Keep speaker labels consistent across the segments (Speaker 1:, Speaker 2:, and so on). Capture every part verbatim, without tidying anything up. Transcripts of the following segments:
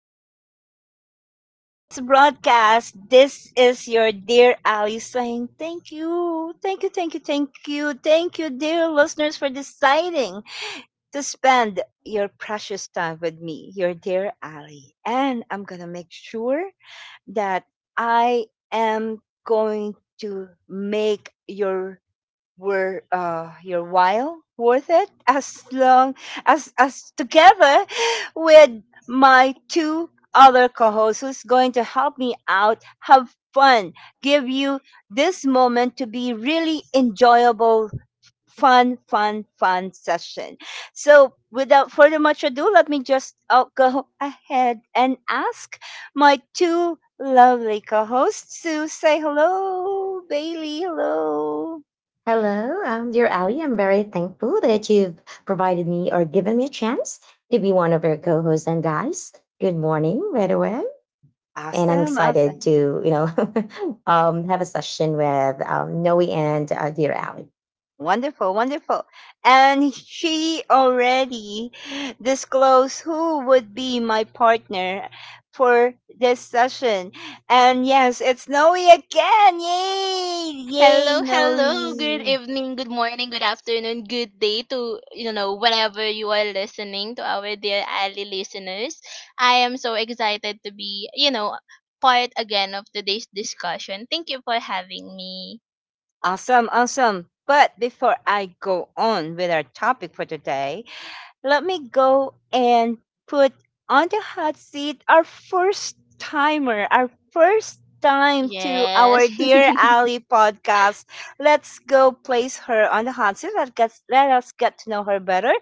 Speaker 1: Wednesday for this broadcast. This is your dear Ali saying thank you, thank you, thank you, thank you, thank you, dear listeners, for deciding to spend your precious time with me, your dear Ali. And I'm going to make sure that I am going to make your were uh, your while worth it as long as as together with my two other co-hosts who's going to help me out have fun, give you this moment to be really enjoyable, fun fun fun session. So without further much ado, let me just uh, go ahead and ask my two lovely co-hosts to say hello. Bailey, hello.
Speaker 2: Hello, um, dear Ali. I'm very thankful that you've provided me or given me a chance to be one of your co-hosts and guys. Good morning, by the way. And I'm
Speaker 1: Awesome,
Speaker 2: excited
Speaker 1: awesome.
Speaker 2: to, you know, um, have a session with um, Noe and uh, dear Ali.
Speaker 1: Wonderful, wonderful. And she already disclosed who would be my partner for this session. And yes, it's Noe again. Yay! Yay,
Speaker 3: Hello, hello. Good
Speaker 1: Noe.
Speaker 3: evening, good morning, good afternoon, good day to you know whatever you are listening to, our dear Ali listeners. I am so excited to be you know part again of today's discussion. Thank you for having me.
Speaker 1: Awesome, awesome. But before I go on with our topic for today, let me go and put on the hot seat our first timer, our first time to our
Speaker 3: Yes.
Speaker 1: Dear Ali podcast. Let's go place her on the hot seat. Let, us let us get to know her better.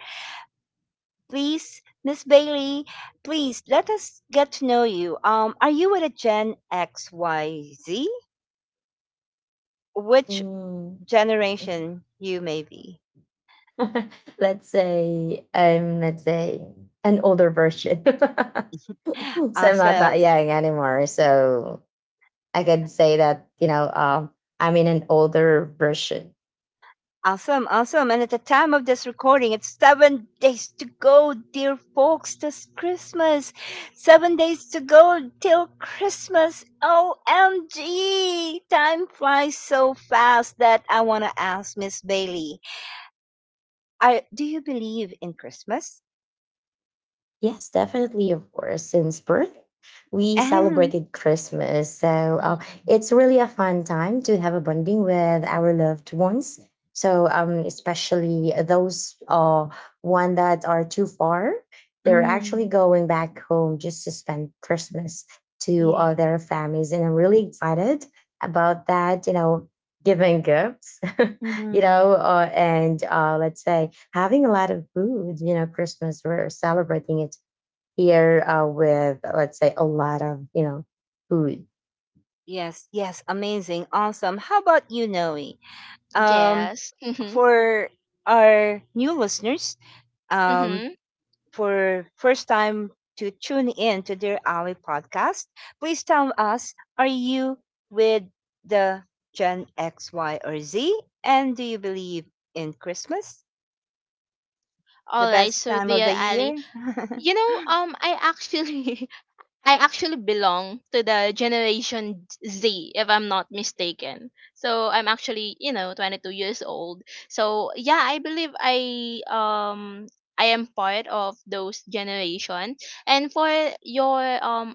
Speaker 1: Please, Miss Bailey, please let us get to know you. Um, are you with a Gen X, Y, Z? Which
Speaker 2: Mm.
Speaker 1: generation you may be?
Speaker 2: Let's say I'm, let's say, an older version. So
Speaker 1: Uh,
Speaker 2: I'm not
Speaker 1: so
Speaker 2: that young anymore. So I can say that, you know, um, I'm in an older version.
Speaker 1: Awesome, awesome. And at the time of this recording, it's seven days to go, dear folks, this Christmas. Seven days to go till Christmas. O M G! Time flies so fast that I want to ask Miss Bailey, I, do you believe in Christmas?
Speaker 2: Yes, definitely, of course. Since birth, we
Speaker 1: mm,
Speaker 2: celebrated Christmas. So uh, it's really a fun time to have a bonding with our loved ones. So, um, especially those uh, one that are too far, they're actually
Speaker 1: mm,
Speaker 2: going back home just to spend Christmas to
Speaker 1: yeah.
Speaker 2: all their families. And I'm really excited about that, you know, giving gifts, you
Speaker 1: Mm.
Speaker 2: know, uh, and uh, let's say having a lot of food, you know, Christmas, we're celebrating it here uh, with, let's say, a lot of, you know, food.
Speaker 1: Yes, yes, amazing, awesome. How about you, Noe? Um,
Speaker 3: Yes. Mm-hmm.
Speaker 1: for our new listeners, um,
Speaker 3: Mm-hmm.
Speaker 1: for first time to tune in to Dear Ali podcast, please tell us, are you with the Gen X, Y, or Z? And do you believe in Christmas, the
Speaker 3: All right.
Speaker 1: best
Speaker 3: So,
Speaker 1: time of the
Speaker 3: dear Ali,
Speaker 1: year?
Speaker 3: you know, um, I actually, I actually belong to the generation Z, if I'm not mistaken. So I'm actually, you know, twenty-two years old. So yeah, I believe I um I am part of those generation. And for your um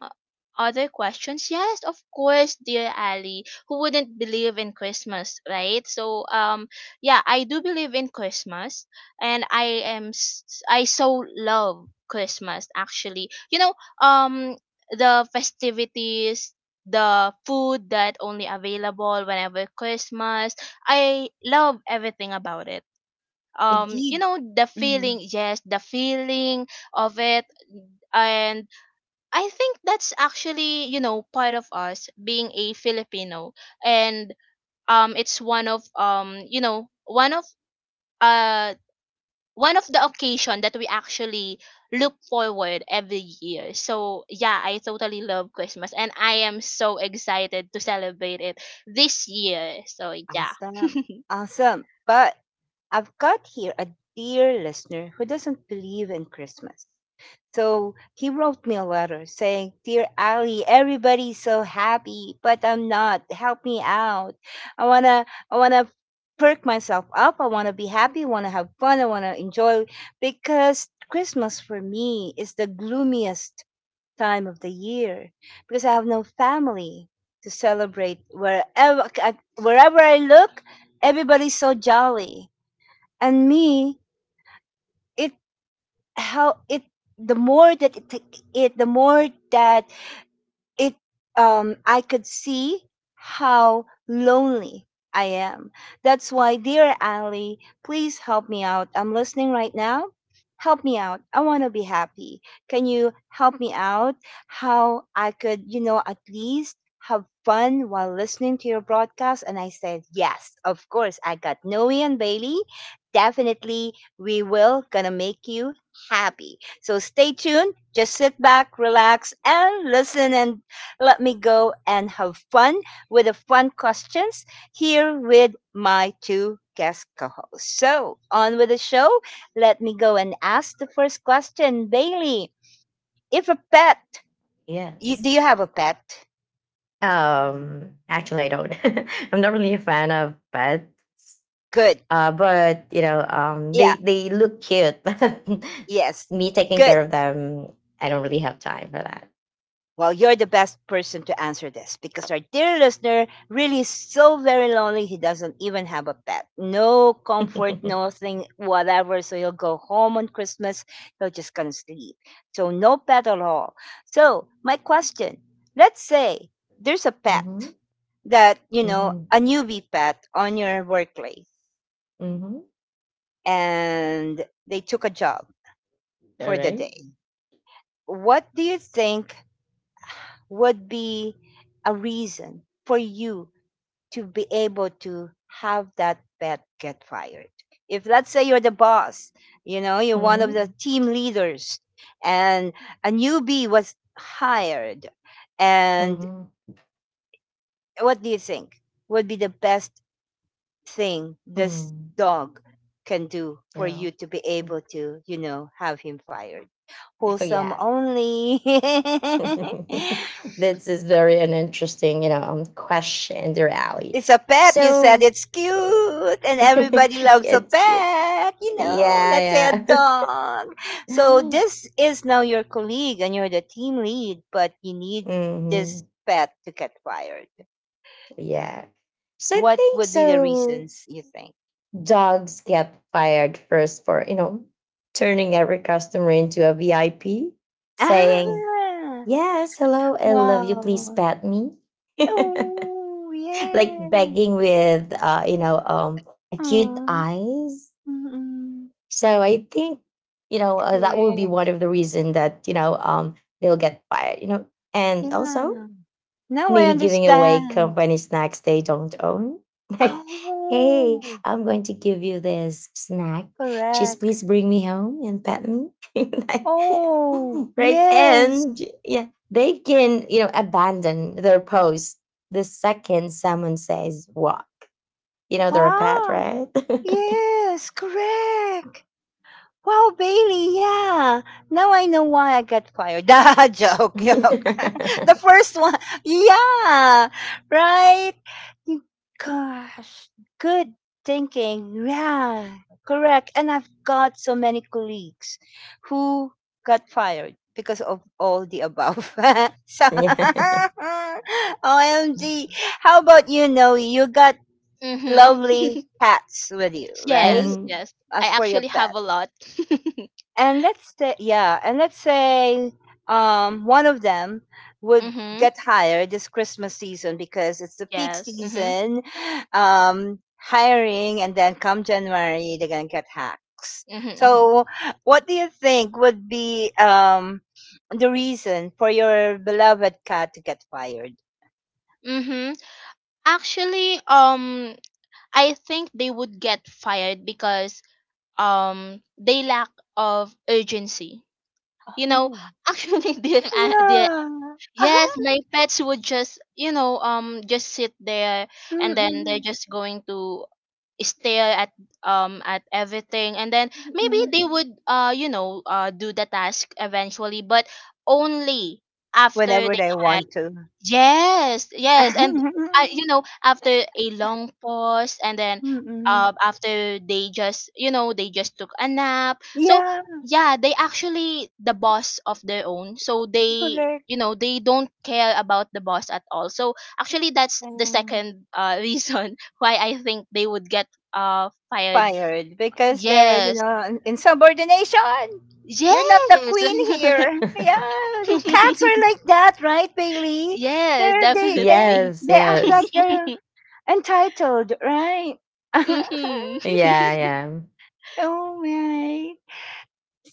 Speaker 3: other questions, yes, of course, dear Ali, who wouldn't believe in Christmas, right? So um yeah, I do believe in Christmas, and I am s- I so love Christmas actually. You know um the festivities, the food that only available whenever Christmas. I love everything about it. Um, you
Speaker 1: Indeed.
Speaker 3: know the
Speaker 1: Mhm.
Speaker 3: feeling, yes, the feeling of it, and I think that's actually you know part of us being a Filipino, and um, it's one of um, you know, one of uh one of the occasion that we actually look forward every year. So yeah, I totally love Christmas and I am so excited to celebrate it this year. So yeah.
Speaker 1: Awesome. Awesome. But I've got here a dear listener who doesn't believe in Christmas. So he wrote me a letter saying, Dear Ali, everybody's so happy, but I'm not. Help me out. I wanna I wanna perk myself up. I wanna be happy, I wanna have fun, I wanna enjoy, because Christmas for me is the gloomiest time of the year, because I have no family to celebrate. Wherever I- wherever I look, everybody's so jolly. And me, it, how it, the more that it take it, the more that it, um I could see how lonely I am. That's why, dear Ali, please help me out. I'm listening right now. Help me out, I want to be happy. Can you help me out? How I could, you know, at least have fun while listening to your broadcast? And I said, yes, of course, I got Noe and Bailey. Definitely we will gonna make you happy, so stay tuned. Just sit back, relax, and listen, and let me go and have fun with the fun questions here with my two guest co hosts. So, on with the show. Let me go and ask the first question. Bailey, if a pet, you, do
Speaker 2: Yes.
Speaker 1: you have a pet?
Speaker 2: Um, actually, I don't. I'm not really a fan of pets.
Speaker 1: Good.
Speaker 2: Uh, but, you know, um,
Speaker 1: Yeah.
Speaker 2: they they look cute. But
Speaker 1: Yes.
Speaker 2: me taking
Speaker 1: Good.
Speaker 2: care of them, I don't really have time for that.
Speaker 1: Well, you're the best person to answer this because our dear listener really is so very lonely. He doesn't even have a pet. No comfort, nothing, whatever. So he'll go home on Christmas. He'll just gonna sleep. So no pet at all. So my question, let's say there's a pet
Speaker 2: Mm-hmm.
Speaker 1: that, you know,
Speaker 2: Mm-hmm.
Speaker 1: a newbie pet on your workplace,
Speaker 2: Mm-hmm.
Speaker 1: and they took a job
Speaker 2: All
Speaker 1: for the
Speaker 2: right.
Speaker 1: day. What do you think would be a reason for you to be able to have that pet get fired? If let's say you're the boss, you know, you're one
Speaker 2: Mm-hmm.
Speaker 1: of the team leaders, and a newbie was hired, and
Speaker 2: Mm-hmm.
Speaker 1: what do you think would be the best thing this
Speaker 2: Mm.
Speaker 1: dog can do for
Speaker 2: Yeah.
Speaker 1: you to be
Speaker 2: Mm.
Speaker 1: able to, you know, have him fired?
Speaker 2: Oh
Speaker 1: Wholesome
Speaker 2: yeah.
Speaker 1: only.
Speaker 2: This is very an interesting, you know, um, question, dear Ali.
Speaker 1: It's a pet. You said
Speaker 2: So,
Speaker 1: it's
Speaker 2: eh,
Speaker 1: cute, and everybody loves a
Speaker 2: it's cute.
Speaker 1: pet. You know, let's say a
Speaker 2: Yeah, yeah.
Speaker 1: dog. So this is now your colleague, and you're the team lead, but you need
Speaker 2: Hmm.
Speaker 1: this pet to get fired.
Speaker 2: Yeah. So I
Speaker 1: What
Speaker 2: think
Speaker 1: would be the
Speaker 2: so.
Speaker 1: reasons you think?
Speaker 2: Dogs get fired first for, you know, turning every customer into a V I P, saying,
Speaker 1: Ah,
Speaker 2: yes, hello, I love you, please
Speaker 1: wow.
Speaker 2: pet me.
Speaker 1: Oh
Speaker 2: Like,
Speaker 1: yes.
Speaker 2: begging with uh, you know um, acute
Speaker 1: Oh,
Speaker 2: eyes.
Speaker 1: mm-mm.
Speaker 2: So I think, you know, uh, that will be
Speaker 1: Correct.
Speaker 2: one of the reason that, you know, um, they'll get fired. You know, and
Speaker 1: Yeah.
Speaker 2: also
Speaker 1: Now I
Speaker 2: maybe giving away
Speaker 1: understand.
Speaker 2: company snacks they don't own. Like, hey,
Speaker 1: Oh.
Speaker 2: I'm going to give you this snack. Just
Speaker 1: Correct.
Speaker 2: please bring me home and pet me. Like,
Speaker 1: Oh,
Speaker 2: right,
Speaker 1: yes.
Speaker 2: and yeah, they can, you know, abandon their post the second someone says why, you know, they're a pet,
Speaker 1: Wow.
Speaker 2: right?
Speaker 1: Yes, correct. Wow, Bailey, yeah. Now I know why I got fired. Da joke, joke. the first one. Yeah. Right? You- Gosh, good thinking. Yeah. Correct. And I've got so many colleagues who got fired because of all the above. so
Speaker 2: Yeah.
Speaker 1: O M G. How about you, Noe? You got
Speaker 3: Mhm.
Speaker 1: lovely cats with you, right?
Speaker 3: Yes,
Speaker 2: Mhm.
Speaker 3: yes. I
Speaker 1: As for your
Speaker 3: actually have
Speaker 1: pet,
Speaker 3: a lot.
Speaker 1: and let's say, yeah, and let's say um one of them would
Speaker 3: Mhm.
Speaker 1: get hired this Christmas season because it's the peak
Speaker 3: Yes. Mhm.
Speaker 1: season um hiring, and then come January they're gonna get hacks.
Speaker 3: Mhm. Mhm.
Speaker 1: So what do you think would be um the reason for your beloved cat to get fired?
Speaker 3: Mhm. Actually, um I think they would get fired because um they lack of urgency. You know,
Speaker 1: Oh
Speaker 3: actually dear uh, dear
Speaker 1: yeah.
Speaker 3: yes, my pets would just, you know, um, just sit there, and then they're
Speaker 1: Mm-mm.
Speaker 3: just going to stare at um at everything, and then maybe
Speaker 1: Mm-mm.
Speaker 3: they would uh you know uh do the task eventually, but only after
Speaker 1: Whenever
Speaker 3: they.
Speaker 1: they want to.
Speaker 3: Yes, yes, and I, you know, after a long pause, and then
Speaker 1: Mm-mm.
Speaker 3: um, after they just, you know, they just took a nap. So
Speaker 1: Yeah.
Speaker 3: yeah, they actually the boss of their own. So they,
Speaker 1: Correct.
Speaker 3: you know, they don't care about the boss at all. So actually, that's the
Speaker 1: Um,
Speaker 3: second uh reason why I think they would get uh fired.
Speaker 1: fired because they're, you
Speaker 3: Yes,
Speaker 1: know, insubordination. You're not the
Speaker 3: yes,
Speaker 1: queen here. Yeah, the cats are like that, right, Bailey?
Speaker 3: yes,
Speaker 1: They're they
Speaker 3: definitely.
Speaker 1: they
Speaker 2: Yes,
Speaker 1: they act like
Speaker 2: yes.
Speaker 1: they're entitled, right?
Speaker 3: Hmm.
Speaker 1: oh
Speaker 2: Yeah, yeah.
Speaker 1: my.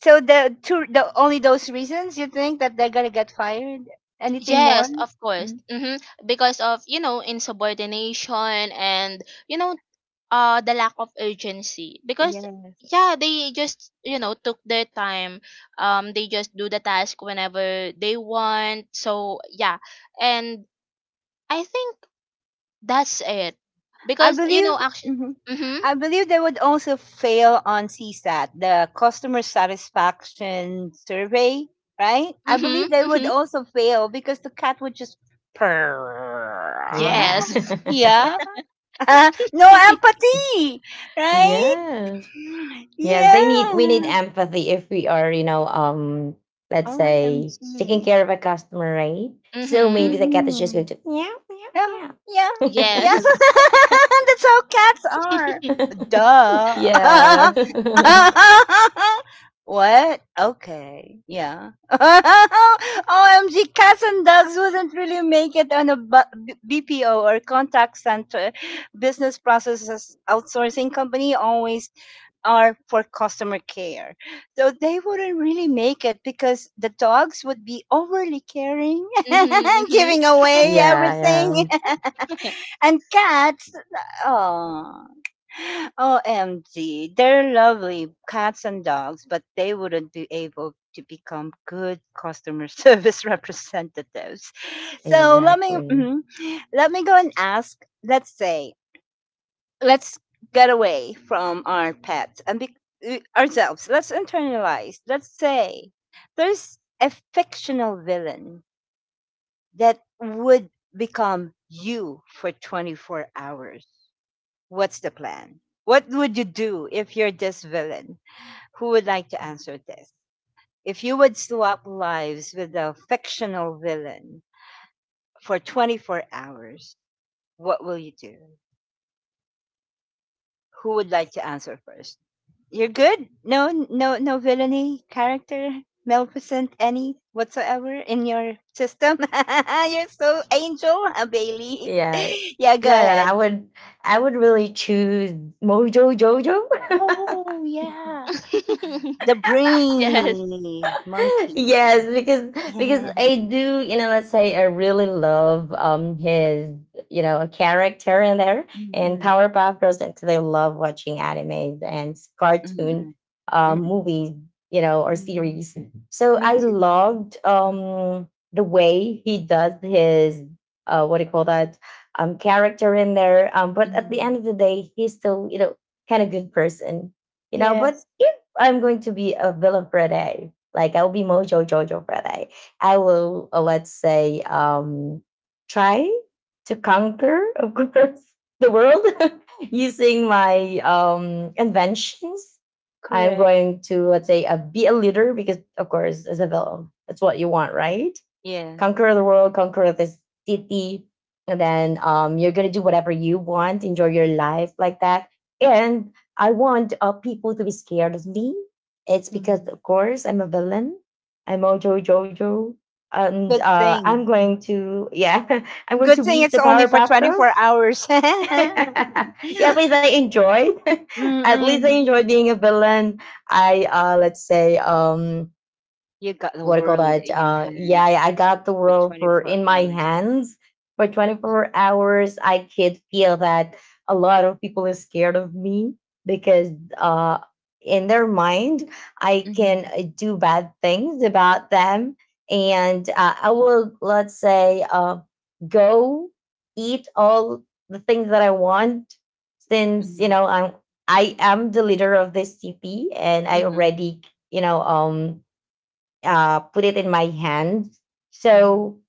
Speaker 1: So the two, the only those reasons you think that they're gonna get fired? Anything more?
Speaker 3: Yes, of course.
Speaker 1: Mm.
Speaker 3: Hmm. Because of, you know, insubordination and, you know, uh the lack of urgency. Because
Speaker 1: Yes.
Speaker 3: yeah, they just, you know, took their time. Um they just do the task whenever they want. So, yeah. And I think that's it.
Speaker 1: I
Speaker 3: Because, you know,
Speaker 1: believe,
Speaker 3: actually.
Speaker 1: mhm.
Speaker 3: Mhm.
Speaker 1: I believe they would also fail on CSAT, the customer satisfaction survey, right? I
Speaker 3: Mhm.
Speaker 1: believe they would
Speaker 3: Mhm.
Speaker 1: also fail because the cat would just purr.
Speaker 2: Yeah.
Speaker 3: Yes.
Speaker 1: Yeah. No empathy, right?
Speaker 2: Yes. Yes, they need we need
Speaker 1: Yeah.
Speaker 2: empathy if we are, you know, um, let's say taking
Speaker 1: O M G.
Speaker 2: care of a customer, right? So maybe
Speaker 3: Mhm.
Speaker 2: the cat is just going to meow,
Speaker 1: Yeah,
Speaker 2: meow,
Speaker 1: yeah, yeah.
Speaker 3: Yes.
Speaker 2: meow.
Speaker 1: That's how cats are.
Speaker 2: Yeah.
Speaker 1: Duh. What? Okay, yeah. O M G, cats and dogs wouldn't really make it on a bu- B P O or contact center, business processes outsourcing company, always are for customer care. So they wouldn't really make it because the dogs would be overly caring,
Speaker 3: Mhm.
Speaker 1: giving away
Speaker 2: Yeah,
Speaker 1: everything.
Speaker 2: yeah.
Speaker 3: Mhm.
Speaker 1: And cats, oh, O M G, they're lovely cats and dogs, but they wouldn't be able to become good customer service representatives. So let me
Speaker 2: Exactly.
Speaker 1: mhm. Let me go and ask. Let's say, let's get away from our pets and be uh, ourselves. Let's internalize. Let's say there's a fictional villain that would become you for twenty-four hours. What's the plan? What would you do if you're this villain? Who would like to answer this? If you would swap lives with a fictional villain for twenty-four hours, what will you do? Who would like to answer first? You're good? No, no, no villainy character, maleficent, any whatsoever in your system? You're so angel, uh, Bailey.
Speaker 2: Yeah.
Speaker 1: Yeah, go
Speaker 2: No, no, no. I
Speaker 1: ahead.
Speaker 2: would I would really choose Mojo Jojo.
Speaker 1: Oh, yeah. The
Speaker 3: Yes.
Speaker 1: brainy monkey.
Speaker 2: Yes, because because I do, you know, let's say I really love um his, you know, character in there and
Speaker 1: Mm,
Speaker 2: Powerpuff Girls and 'cause I love watching animes and
Speaker 1: mm,
Speaker 2: cartoon um
Speaker 1: mm,
Speaker 2: movies, you know, or
Speaker 1: mm.
Speaker 2: series. Mhm. So
Speaker 1: Me
Speaker 2: I
Speaker 1: too.
Speaker 2: loved
Speaker 1: Mm,
Speaker 2: um the way he does his uh what do you call that um character in there. Um but at the end
Speaker 1: mm.
Speaker 2: of the day he's still, you know, kind of good person. You know, but
Speaker 1: Yes,
Speaker 2: if I'm going to be a villain for a day. Like I will be Mojo Jojo Friday. I will, uh, let's say, um, try to conquer, of course, the world using my um, inventions. I'm
Speaker 1: correct.
Speaker 2: going to, let's say, uh, be a leader because, of course, as a villain, that's what you want, right?
Speaker 1: Yes.
Speaker 2: Conquer the world, conquer the city, and then um, you're gonna do whatever you want, enjoy your life like that. And I want uh, people to be scared of me. It's because,
Speaker 1: Mm.
Speaker 2: of course, I'm a villain. I'm Ojo Jojo, and
Speaker 1: Good
Speaker 2: uh, I'm
Speaker 1: thing. Mhm.
Speaker 2: going to, yeah, I'm going
Speaker 1: Good
Speaker 2: to
Speaker 1: thing
Speaker 2: beat
Speaker 1: it's
Speaker 2: the
Speaker 1: only for
Speaker 2: Powerpuff Girls.
Speaker 1: twenty-four hours.
Speaker 2: Yeah, please, I enjoyed. At least I
Speaker 1: Mm-mm.
Speaker 2: enjoyed being a villain. I, uh, let's say, um
Speaker 1: You got the
Speaker 2: what do you call
Speaker 1: world
Speaker 2: that?
Speaker 1: in your
Speaker 2: Uh, yeah,
Speaker 1: hands
Speaker 2: I got the
Speaker 1: for
Speaker 2: world for
Speaker 1: twenty-four
Speaker 2: in my
Speaker 1: hours.
Speaker 2: hands for twenty-four hours. I could feel that a lot of people is scared of me because, uh, in their mind, I can,
Speaker 1: Mm-mm.
Speaker 2: uh, do bad things about them, and uh, I will, let's say, uh, go eat all the things that I want since, you
Speaker 1: Mm-mm.
Speaker 2: know, I'm I am the leader of this T P and I
Speaker 1: Mm-mm.
Speaker 2: already, you know um uh, put it in my hand. So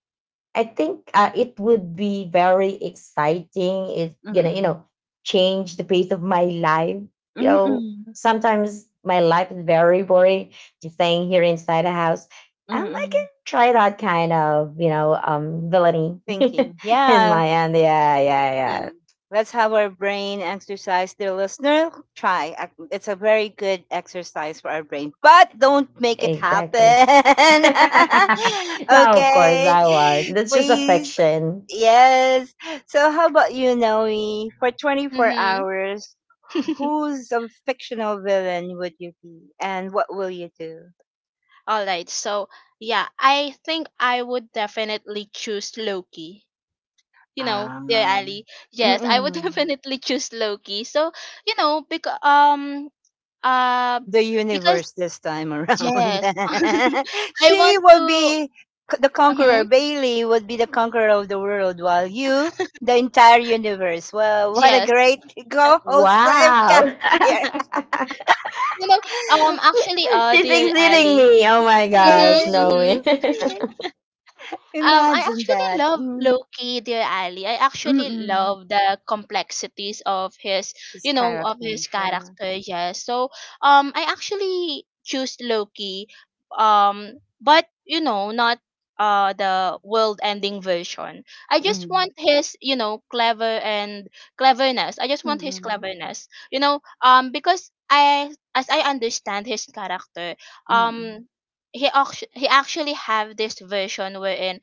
Speaker 2: I think, uh, it would be very exciting. It's gonna, you
Speaker 1: Mm-mm.
Speaker 2: know, change the pace of my life. You know,
Speaker 1: Mm-mm.
Speaker 2: sometimes my life is very boring, just staying here inside a house. Um, I can
Speaker 1: Mm-mm.
Speaker 2: try that kind of, you know, um, villainy
Speaker 1: Thinking.
Speaker 2: in
Speaker 1: Yeah.
Speaker 2: my end. Yeah, yeah, yeah,
Speaker 1: Yeah. Let's have our brain exercise. Dear listener, try. Ac- It's a very good exercise for our brain, but don't make it
Speaker 2: exactly.
Speaker 1: happen.
Speaker 2: No, of course
Speaker 1: Okay.
Speaker 2: I was. That's just a
Speaker 1: Please.
Speaker 2: fiction.
Speaker 1: Yes. So, how about you, Noe? For twenty-four
Speaker 3: Mhm.
Speaker 1: hours, who's a fictional villain would you be? And what will you do?
Speaker 3: All right. So, yeah, I think I would definitely choose Loki. You know, dear
Speaker 1: Um,
Speaker 3: Ali. Yes, I would
Speaker 1: mm-mm.
Speaker 3: definitely choose Loki. So, you know, because um uh
Speaker 1: The
Speaker 3: because
Speaker 1: universe this time around.
Speaker 3: yes, I
Speaker 1: She
Speaker 3: want
Speaker 1: will
Speaker 3: to.
Speaker 1: be c- the conqueror.
Speaker 3: Mhm,
Speaker 1: Bailey would be the conqueror of the world, while you, the entire universe. Well, what a
Speaker 3: yes.
Speaker 1: great co-host I've got
Speaker 2: Wow.
Speaker 1: here.
Speaker 3: You know, um actually uh
Speaker 2: She's
Speaker 3: dear
Speaker 2: exceeding
Speaker 3: Ali.
Speaker 2: me. Oh my
Speaker 3: Mhm,
Speaker 1: Yes.
Speaker 2: gosh, no
Speaker 3: mhm.
Speaker 2: way.
Speaker 3: Um, I
Speaker 1: Imagine
Speaker 3: actually
Speaker 1: that.
Speaker 3: love
Speaker 1: Mm.
Speaker 3: Loki, dear Ali. I actually
Speaker 1: Mm-mm.
Speaker 3: love the complexities of his,
Speaker 1: His
Speaker 3: you know, of
Speaker 1: character.
Speaker 3: his
Speaker 1: Yeah.
Speaker 3: character. Yes. So, um, I actually choose Loki. Um, but you know, not uh the world-ending version. I just
Speaker 1: Mm.
Speaker 3: want his, you know, clever and cleverness. I just want his
Speaker 1: Mm-mm.
Speaker 3: cleverness. You know, um, because I, as I understand his character,
Speaker 1: Mm-mm.
Speaker 3: um. He, act- he actually have this version wherein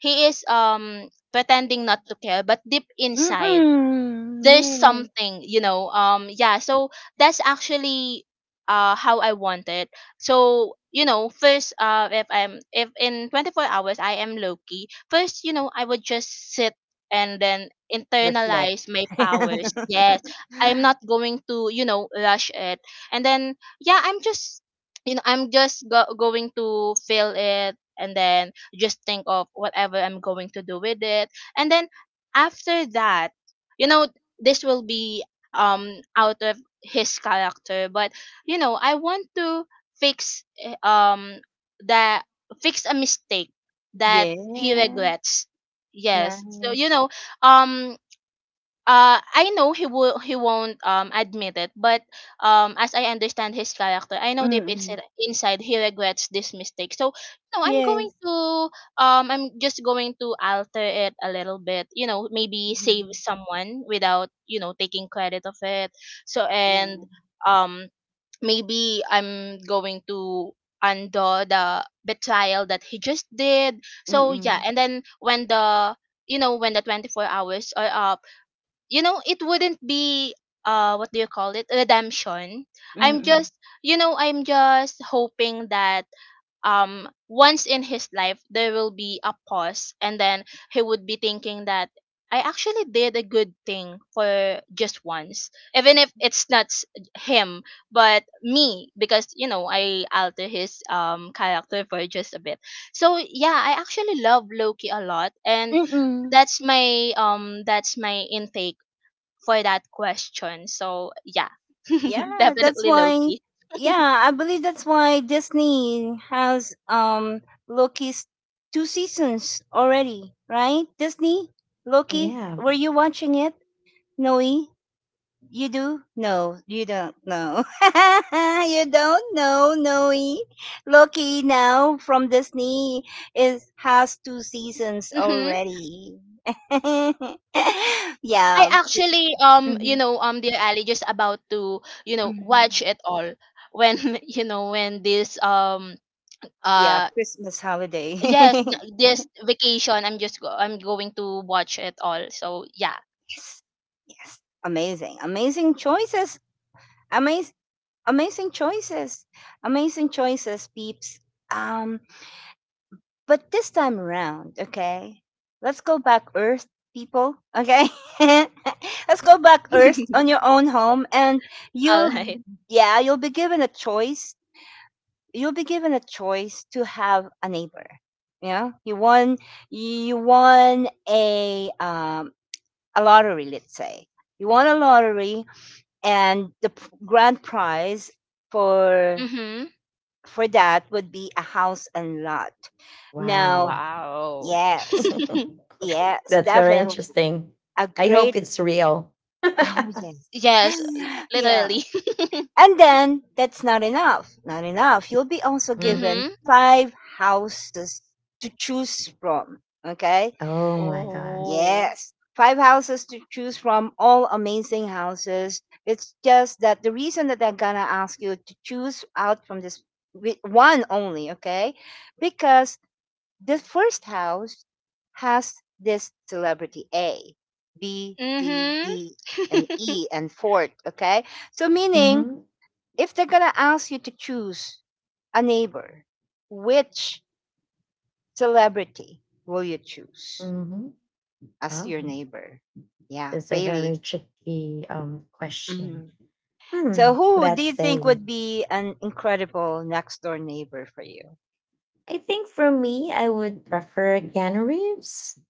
Speaker 3: he is um pretending not to care but deep inside
Speaker 1: Mm-mm.
Speaker 3: there's
Speaker 1: Yeah.
Speaker 3: something, you know, um yeah, so that's actually uh how I want it. So you know first, uh if I'm, if in twenty-four hours I am Loki, first, you know, I would just sit and then
Speaker 1: Reflect.
Speaker 3: internalize my powers. Yes, I'm not going to, you know, rush it. And then yeah, I'm just, you know, I'm just go- going to feel it and then just think of whatever I'm going to do with it. And then after that, you know, this will be um out of his character, but you know I want to fix eh, um that fix a mistake that he
Speaker 1: Yeah.
Speaker 3: regrets. Yes, so
Speaker 1: Nice.
Speaker 3: you know um uh I know he will, he won't um admit it, but um as I understand his character, I know deep
Speaker 1: Mm.
Speaker 3: inside inside he regrets this mistake. So no, I'm going
Speaker 1: Yes.
Speaker 3: to um I'm just going to alter it a little bit. You know, maybe save
Speaker 1: Mhm.
Speaker 3: someone without, you know, taking credit of it. So and
Speaker 1: Yeah.
Speaker 3: um maybe I'm going to undo the betrayal that he just did. So yeah,
Speaker 1: Mm.
Speaker 3: and then when the, you know, when the twenty-four hours are up, you know it wouldn't be, uh what do you call it, redemption. I'm
Speaker 1: Mm.
Speaker 3: just, you know, I'm just hoping that um once in his life there will be a pause, and then he would be thinking that I actually did a good thing for just once, even if it's not s- him but me, because you know I alter his um character for just a bit. So yeah, I actually love Loki a lot, and
Speaker 1: Mm.
Speaker 3: that's my um that's my intake for that question. So yeah,
Speaker 1: Yeah, that's
Speaker 3: definitely
Speaker 1: why,
Speaker 3: Loki.
Speaker 1: yeah, I believe that's why Disney has um Loki's two seasons already, right? Disney, Loki,
Speaker 2: Yeah.
Speaker 1: were you watching it, Noe? You do? No, you don't know. You don't know, Noe. Loki now from Disney is has two seasons
Speaker 3: Mm-hmm.
Speaker 1: already.
Speaker 3: I
Speaker 1: Yeah.
Speaker 3: actually um
Speaker 1: Hmm.
Speaker 3: you know um dear Ali, just about to, you know, watch it all when you know when this um
Speaker 1: Yeah,
Speaker 3: uh
Speaker 1: Christmas holiday.
Speaker 3: yes,
Speaker 1: Yes.
Speaker 3: n- this vacation I'm just go- I'm going to watch it all. So yeah.
Speaker 1: Yes. Amazing. Amazing choices. Amaz- amazing choices. Amazing choices, peeps. Um, but this time around, okay, let's go back Earth, people, okay? Let's go back Earth on your own home, and you'll,
Speaker 3: All right.
Speaker 1: yeah, you'll be given a choice. You'll be given a choice to have a neighbor. Yeah, you won, you won a, um, a lottery, let's say. You won a lottery, and the p- grand prize for,
Speaker 3: Mm-hmm.
Speaker 1: for that would be a house and lot. Now,
Speaker 2: Wow.
Speaker 3: Wow.
Speaker 1: yes. Yes,
Speaker 2: That's very
Speaker 1: definitely.
Speaker 2: interesting.
Speaker 1: A
Speaker 2: I hope
Speaker 1: great,
Speaker 2: it's real.
Speaker 1: oh yes.
Speaker 3: Yes, l-
Speaker 1: Yeah.
Speaker 3: literally.
Speaker 1: And then that's not enough. Not enough. You'll be also
Speaker 2: Mm.
Speaker 1: given
Speaker 3: Hmm.
Speaker 1: five houses to choose from. Okay?
Speaker 2: Oh my gosh.
Speaker 3: Oh.
Speaker 1: Yes. Five houses to choose from, all amazing houses. It's just that the reason that I'm gonna ask you to choose out from this with one only, okay? Because the first house has this celebrity A, B, C,
Speaker 3: Mm-hmm.
Speaker 1: D, and E, and fourth. Okay. So, meaning
Speaker 2: Mm-hmm.
Speaker 1: if they're going to ask you to choose a neighbor, which celebrity will you choose
Speaker 2: Mm-hmm.
Speaker 1: as
Speaker 2: Oh,
Speaker 1: your neighbor? Yeah,
Speaker 2: that's a very
Speaker 1: Bailey.
Speaker 2: tricky um question.
Speaker 1: Mhm. So,
Speaker 2: Hmm,
Speaker 1: who do
Speaker 2: that's
Speaker 1: you think would
Speaker 2: saying.
Speaker 1: be an incredible next door neighbor for you?
Speaker 2: I think for me, I would prefer Keanu Reeves.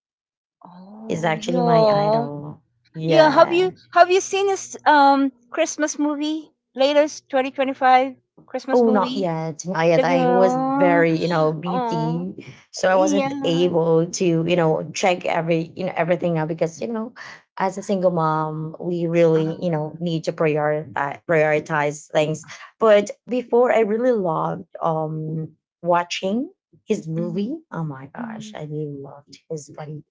Speaker 2: Is
Speaker 1: Oh,
Speaker 2: actually my
Speaker 1: yeah.
Speaker 2: idol.
Speaker 1: Yeah, have
Speaker 2: Yeah.
Speaker 1: you have you seen this um Christmas movie? Latest twenty twenty-five Christmas
Speaker 2: Oh, not
Speaker 1: movie?
Speaker 2: yet. Not
Speaker 1: The
Speaker 2: yet. I was
Speaker 1: girl.
Speaker 2: very, you know,
Speaker 1: Oh,
Speaker 2: busy, so I wasn't
Speaker 1: yeah.
Speaker 2: able to, you know, check every, you know, everything out because, you know, as a single mom, we really, you
Speaker 1: Uh,
Speaker 2: know, need to prioritize prioritize things. But before, I really loved um watching his
Speaker 1: hmm
Speaker 2: movie. Oh my gosh,
Speaker 1: hmm.
Speaker 2: I really loved his buddy.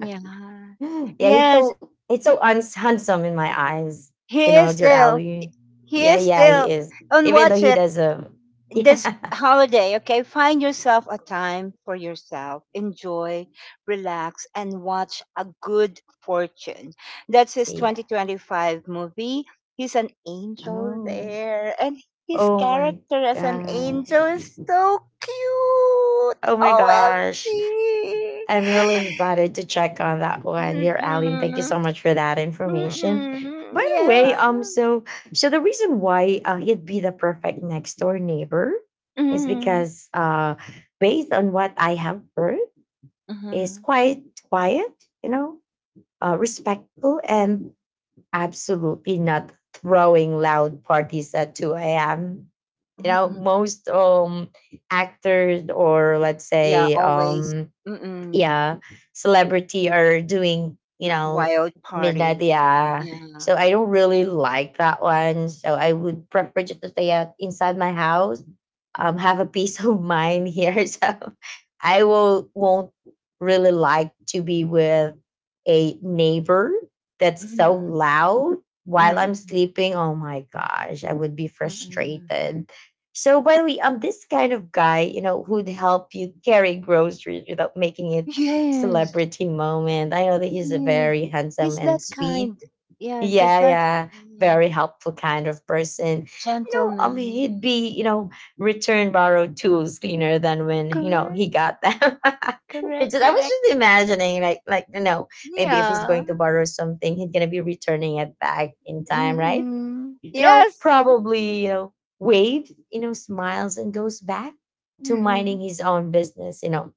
Speaker 2: Yeah, he's
Speaker 1: Yes,
Speaker 2: so he's so uns- handsome in my eyes. You
Speaker 1: he
Speaker 2: know,
Speaker 1: is
Speaker 2: dear
Speaker 1: still.
Speaker 2: Ali.
Speaker 1: He
Speaker 2: Yeah,
Speaker 1: is
Speaker 2: yeah, he
Speaker 1: still.
Speaker 2: is.
Speaker 1: And
Speaker 2: Even though
Speaker 1: watch
Speaker 2: he
Speaker 1: it.
Speaker 2: does a
Speaker 1: This
Speaker 2: yeah,
Speaker 1: holiday, okay, find yourself a time for yourself. Enjoy, relax, and watch A Good Fortune. That's his
Speaker 2: yeah.
Speaker 1: twenty twenty-five movie. He's an angel
Speaker 2: Oh,
Speaker 1: there, and his
Speaker 2: oh my
Speaker 1: character as an angel
Speaker 2: gosh,
Speaker 1: is so cute.
Speaker 2: oh my
Speaker 1: O M G.
Speaker 2: gosh. I'm really excited to check on that one, dear Ali. And thank you
Speaker 1: Mm-mm.
Speaker 2: so much for that information.
Speaker 1: Mm-mm.
Speaker 2: By the way,
Speaker 1: Yeah.
Speaker 2: um, so so the reason why, uh, he'd be the perfect next door neighbor is
Speaker 1: Mm-mm.
Speaker 2: because, uh, based on what I have heard, is
Speaker 1: Mm-mm.
Speaker 2: quite quiet, you know, uh, respectful, and absolutely not throwing loud parties at two a m. You know,
Speaker 1: Mm-mm.
Speaker 2: most um, actors or, let's
Speaker 1: Yeah,
Speaker 2: say,
Speaker 1: always.
Speaker 2: um,
Speaker 1: Mm-mm.
Speaker 2: yeah, celebrity are doing, you know,
Speaker 1: Wild
Speaker 2: midnight,
Speaker 1: parties.
Speaker 2: yeah.
Speaker 1: Yeah.
Speaker 2: So I don't really like that one. So I would prefer just to stay out inside my house, um,
Speaker 1: Mm,
Speaker 2: have a peace of mind here. So I will won't really like to be with a neighbor that's so
Speaker 1: mm,
Speaker 2: loud while I'm
Speaker 1: mm,
Speaker 2: sleeping. Oh my gosh, I would be
Speaker 1: mm, mm.
Speaker 2: frustrated. So, by the way, I'm this kind of guy, you know, who'd help you carry groceries without making it
Speaker 1: Yes.
Speaker 2: celebrity moment. I know that he's a
Speaker 1: Yes.
Speaker 2: very handsome
Speaker 1: He's
Speaker 2: and
Speaker 1: that
Speaker 2: sweet,
Speaker 1: kind. Yes, he's
Speaker 2: yeah,
Speaker 1: that,
Speaker 2: yeah.
Speaker 1: mm,
Speaker 2: Very helpful kind of person. You know, I mean, he'd
Speaker 1: gentleman.
Speaker 2: be, you know, return borrowed tools cleaner than when, you know, he
Speaker 1: Correct.
Speaker 2: got them. It's
Speaker 1: Correct.
Speaker 2: just, I was
Speaker 1: Correct.
Speaker 2: just imagining, like, like you know, maybe if he's
Speaker 1: Yeah.
Speaker 2: going to borrow something, he's gonna be returning it back in time, right?
Speaker 1: Mm-mm.
Speaker 2: You know,
Speaker 1: Yes.
Speaker 2: probably, you know, waves, you know, smiles and goes back to minding
Speaker 1: Mm-mm.
Speaker 2: his own business. You know,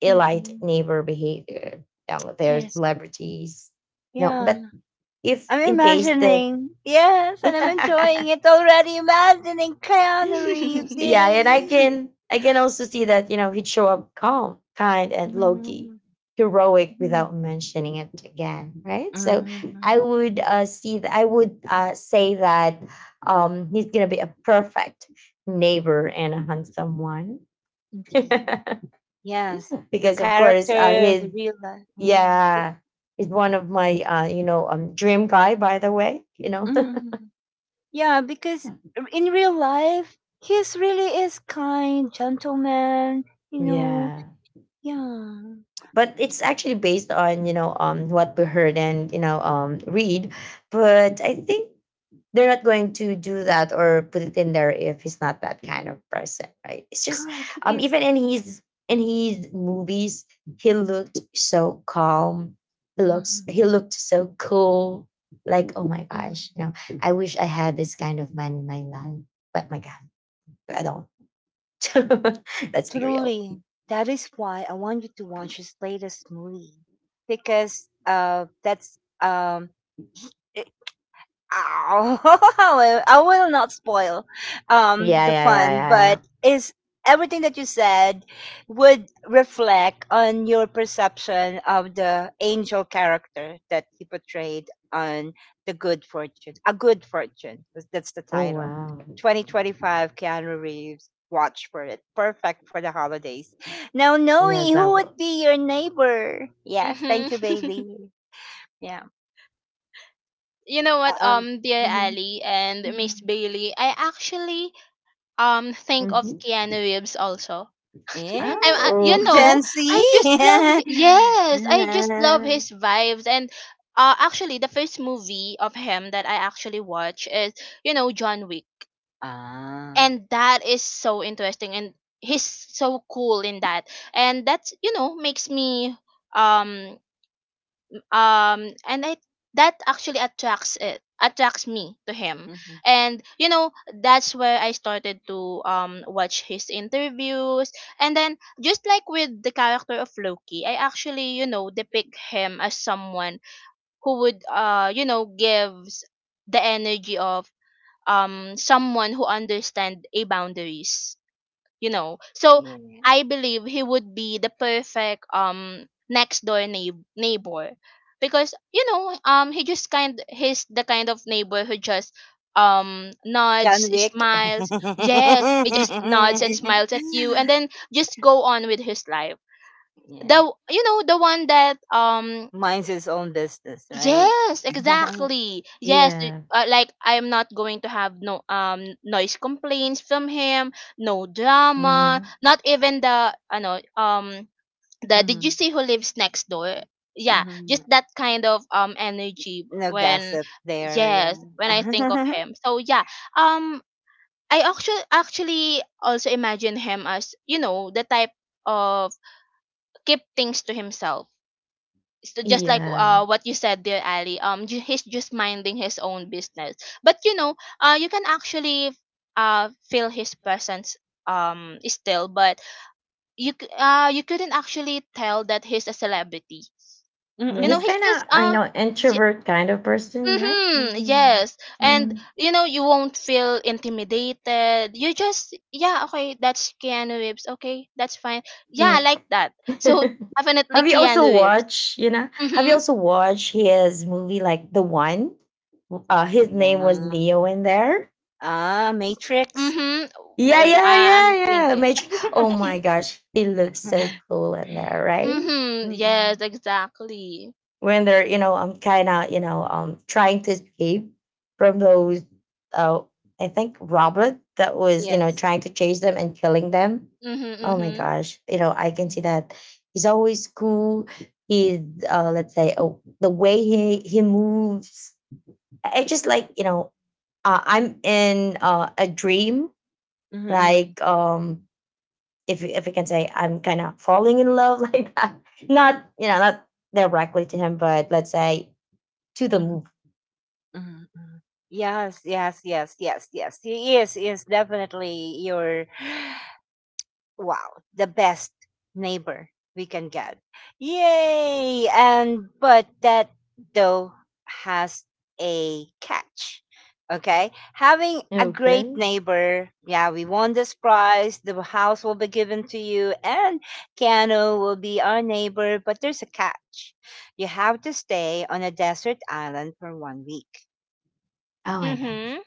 Speaker 2: elite
Speaker 1: Mm-mm.
Speaker 2: neighbor behavior, down there,
Speaker 1: Yes.
Speaker 2: celebrities. You know,
Speaker 1: Yeah.
Speaker 2: but if
Speaker 1: I'm
Speaker 2: in case the
Speaker 1: imagining. Yes, and I'm enjoying it already. Imagining Keanu Reeves.
Speaker 2: yeah,
Speaker 1: Yay.
Speaker 2: and I can I can also see that, you know, he'd show up calm, kind, and low key,
Speaker 1: Mhm,
Speaker 2: heroic without
Speaker 1: mhm.
Speaker 2: mentioning it again, right? So I
Speaker 1: Mm,
Speaker 2: would, uh, see that I would, uh, say that, um, he's gonna be a perfect neighbor and a handsome one,
Speaker 1: indeed. Yes, the
Speaker 2: because of course, uh,
Speaker 1: character, the
Speaker 2: his
Speaker 1: real life. Yeah. The-
Speaker 2: yeah is one of my, uh, you know um, dream guy by the way, you know.
Speaker 1: mm. Yeah, because in real life, he's really is kind, gentleman. You know.
Speaker 2: Yeah.
Speaker 1: Yeah.
Speaker 2: But it's actually based on, you know, um what we heard and, you know, um read. But I think they're not going to do that or put it in there if he's not that kind of person, right? It's just
Speaker 1: Correct. He
Speaker 2: um
Speaker 1: is.
Speaker 2: even in his in his movies, he looked so calm. he looks
Speaker 1: Mhm,
Speaker 2: he looked so cool, like, oh my
Speaker 1: mhm.
Speaker 2: gosh, you know, I wish I had this kind of man in my life. But my god, I don't. Let's be real.
Speaker 1: Truly, that is why I want you to watch his latest movie because uh, that's um, ow. I will I will not spoil um,
Speaker 2: Yeah,
Speaker 1: the
Speaker 2: yeah, yeah,
Speaker 1: fun,
Speaker 2: yeah, yeah.
Speaker 1: but is everything that you said would reflect on your perception of the angel character that he portrayed on the Good Fortune. A Good Fortune. 'Cause that's the
Speaker 2: Oh
Speaker 1: title.
Speaker 2: wow,
Speaker 1: twenty twenty-five Keanu Reeves. Watch for it. Perfect for the holidays. Now, Noe,
Speaker 2: yes, I
Speaker 1: who
Speaker 2: will.
Speaker 1: would be your neighbor? Yes, thank you,
Speaker 3: Mm-hmm.
Speaker 1: Bailey. Yeah.
Speaker 3: You know what,
Speaker 1: Uh-uh.
Speaker 3: um dear
Speaker 1: Mhm.
Speaker 3: Ali and Miss
Speaker 1: Mhm.
Speaker 3: Bailey, I actually um think of
Speaker 2: Mhm.
Speaker 3: Keanu Reeves also.
Speaker 1: Eh,
Speaker 3: I'm, I,
Speaker 2: Oh.
Speaker 3: you
Speaker 1: Gen
Speaker 3: know,
Speaker 1: Z?
Speaker 3: I just love hi- yes, I just love his vibes. And uh actually the first movie of him that I actually watch is, you know, John Wick,
Speaker 1: Ah.
Speaker 3: and that is so interesting, and he's so cool in that. And that's, you know, makes me um um and I that actually attracts it attracts me to him.
Speaker 1: Mhm.
Speaker 3: And you know that's where I started to um watch his interviews, and then just like with the character of Loki, I actually, you know, depict him as someone who would uh you know gives the energy of um someone who understands a boundaries, you know. So
Speaker 1: Yeah.
Speaker 3: I believe he would be the perfect um next door neigh- neighbor, because you know um he just kind he's the kind of neighbor who just um nods,
Speaker 1: John Wick.
Speaker 3: smiles. Yes, he just nods and smiles at you and then just go on with his life,
Speaker 1: Yeah.
Speaker 3: the, you know, the one that um
Speaker 1: Minds his own business, right?
Speaker 3: Yes, exactly. Yes, it-
Speaker 2: Yeah.
Speaker 3: uh, like I'm not going to have no um noise complaints from him, no drama,
Speaker 2: Mhm.
Speaker 3: not even the, I know um the, did you
Speaker 1: Hmm.
Speaker 3: see who lives next door? Yeah,
Speaker 1: Hmm.
Speaker 3: just that kind of um energy
Speaker 1: No
Speaker 3: when,
Speaker 1: gossip there,
Speaker 3: yes, when I think of
Speaker 1: yeah.
Speaker 3: him. So yeah, um I actually actually also imagine him as, you know, the type of keep things to himself, so just like
Speaker 2: Yeah.
Speaker 3: uh what you said, dear Ali, um ju- he's just minding his own business, but you know uh you can actually uh feel his presence um still, but you c- uh you couldn't actually tell that he's a celebrity.
Speaker 2: Yeah.
Speaker 3: You know,
Speaker 2: He's
Speaker 1: Mm-mm.
Speaker 3: he's
Speaker 2: kind
Speaker 3: just
Speaker 2: of, you
Speaker 3: uh
Speaker 2: know,
Speaker 3: y-
Speaker 2: introvert kind of person, right?
Speaker 3: mhm,
Speaker 1: Mm-mm.
Speaker 3: yes. And
Speaker 2: Mm.
Speaker 3: you know you won't feel intimidated, you just yeah, okay, that's Keanu Reeves, okay, that's fine. Yeah, I
Speaker 2: Yeah.
Speaker 3: like that. So definitely
Speaker 2: have you also
Speaker 3: Keanu Reeves.
Speaker 2: watched, you know, have you
Speaker 3: Mm-hmm.
Speaker 2: also watched his movie, like The One? Uh, his name was Neo in there.
Speaker 1: Ah, ah, Matrix.
Speaker 3: Mhm.
Speaker 2: Yeah,
Speaker 3: Wait,
Speaker 2: yeah,
Speaker 3: I-
Speaker 2: yeah,
Speaker 3: I'm
Speaker 2: yeah.
Speaker 3: thinking.
Speaker 2: Matrix. Oh my gosh, he looks so cool in there, right?
Speaker 3: Mhm. Yes,
Speaker 1: Mm-mm.
Speaker 3: exactly.
Speaker 2: When they're, you know, I'm kind of, you know, um trying to escape from those, uh I think Robert, that was, you know,
Speaker 1: Yes.
Speaker 2: trying to chase them and killing them.
Speaker 3: Mhm.
Speaker 2: Oh my
Speaker 3: Mhm.
Speaker 2: gosh, you know, I can see that he's always cool. He's, uh let's say, oh, the way he he moves, i I just like, you know, uh, I'm in, uh, a dream,
Speaker 1: Mm-mm.
Speaker 2: like, um if if we can say I'm kind of falling in love like that, not, you know, not directly to him but let's say to the movie.
Speaker 1: Mm, mm. Yes, yes, yes, yes, yes. He is is definitely your wow, the best neighbor we can get. Yay! And but that though has a catch. Okay? Having a great
Speaker 2: Okay.
Speaker 1: neighbor, yeah, we won this prize, the house will be given to you, and Keanu will be our neighbor, but there's a catch. You have to stay on a desert island for one week.
Speaker 2: Oh my gosh.
Speaker 3: Mhm.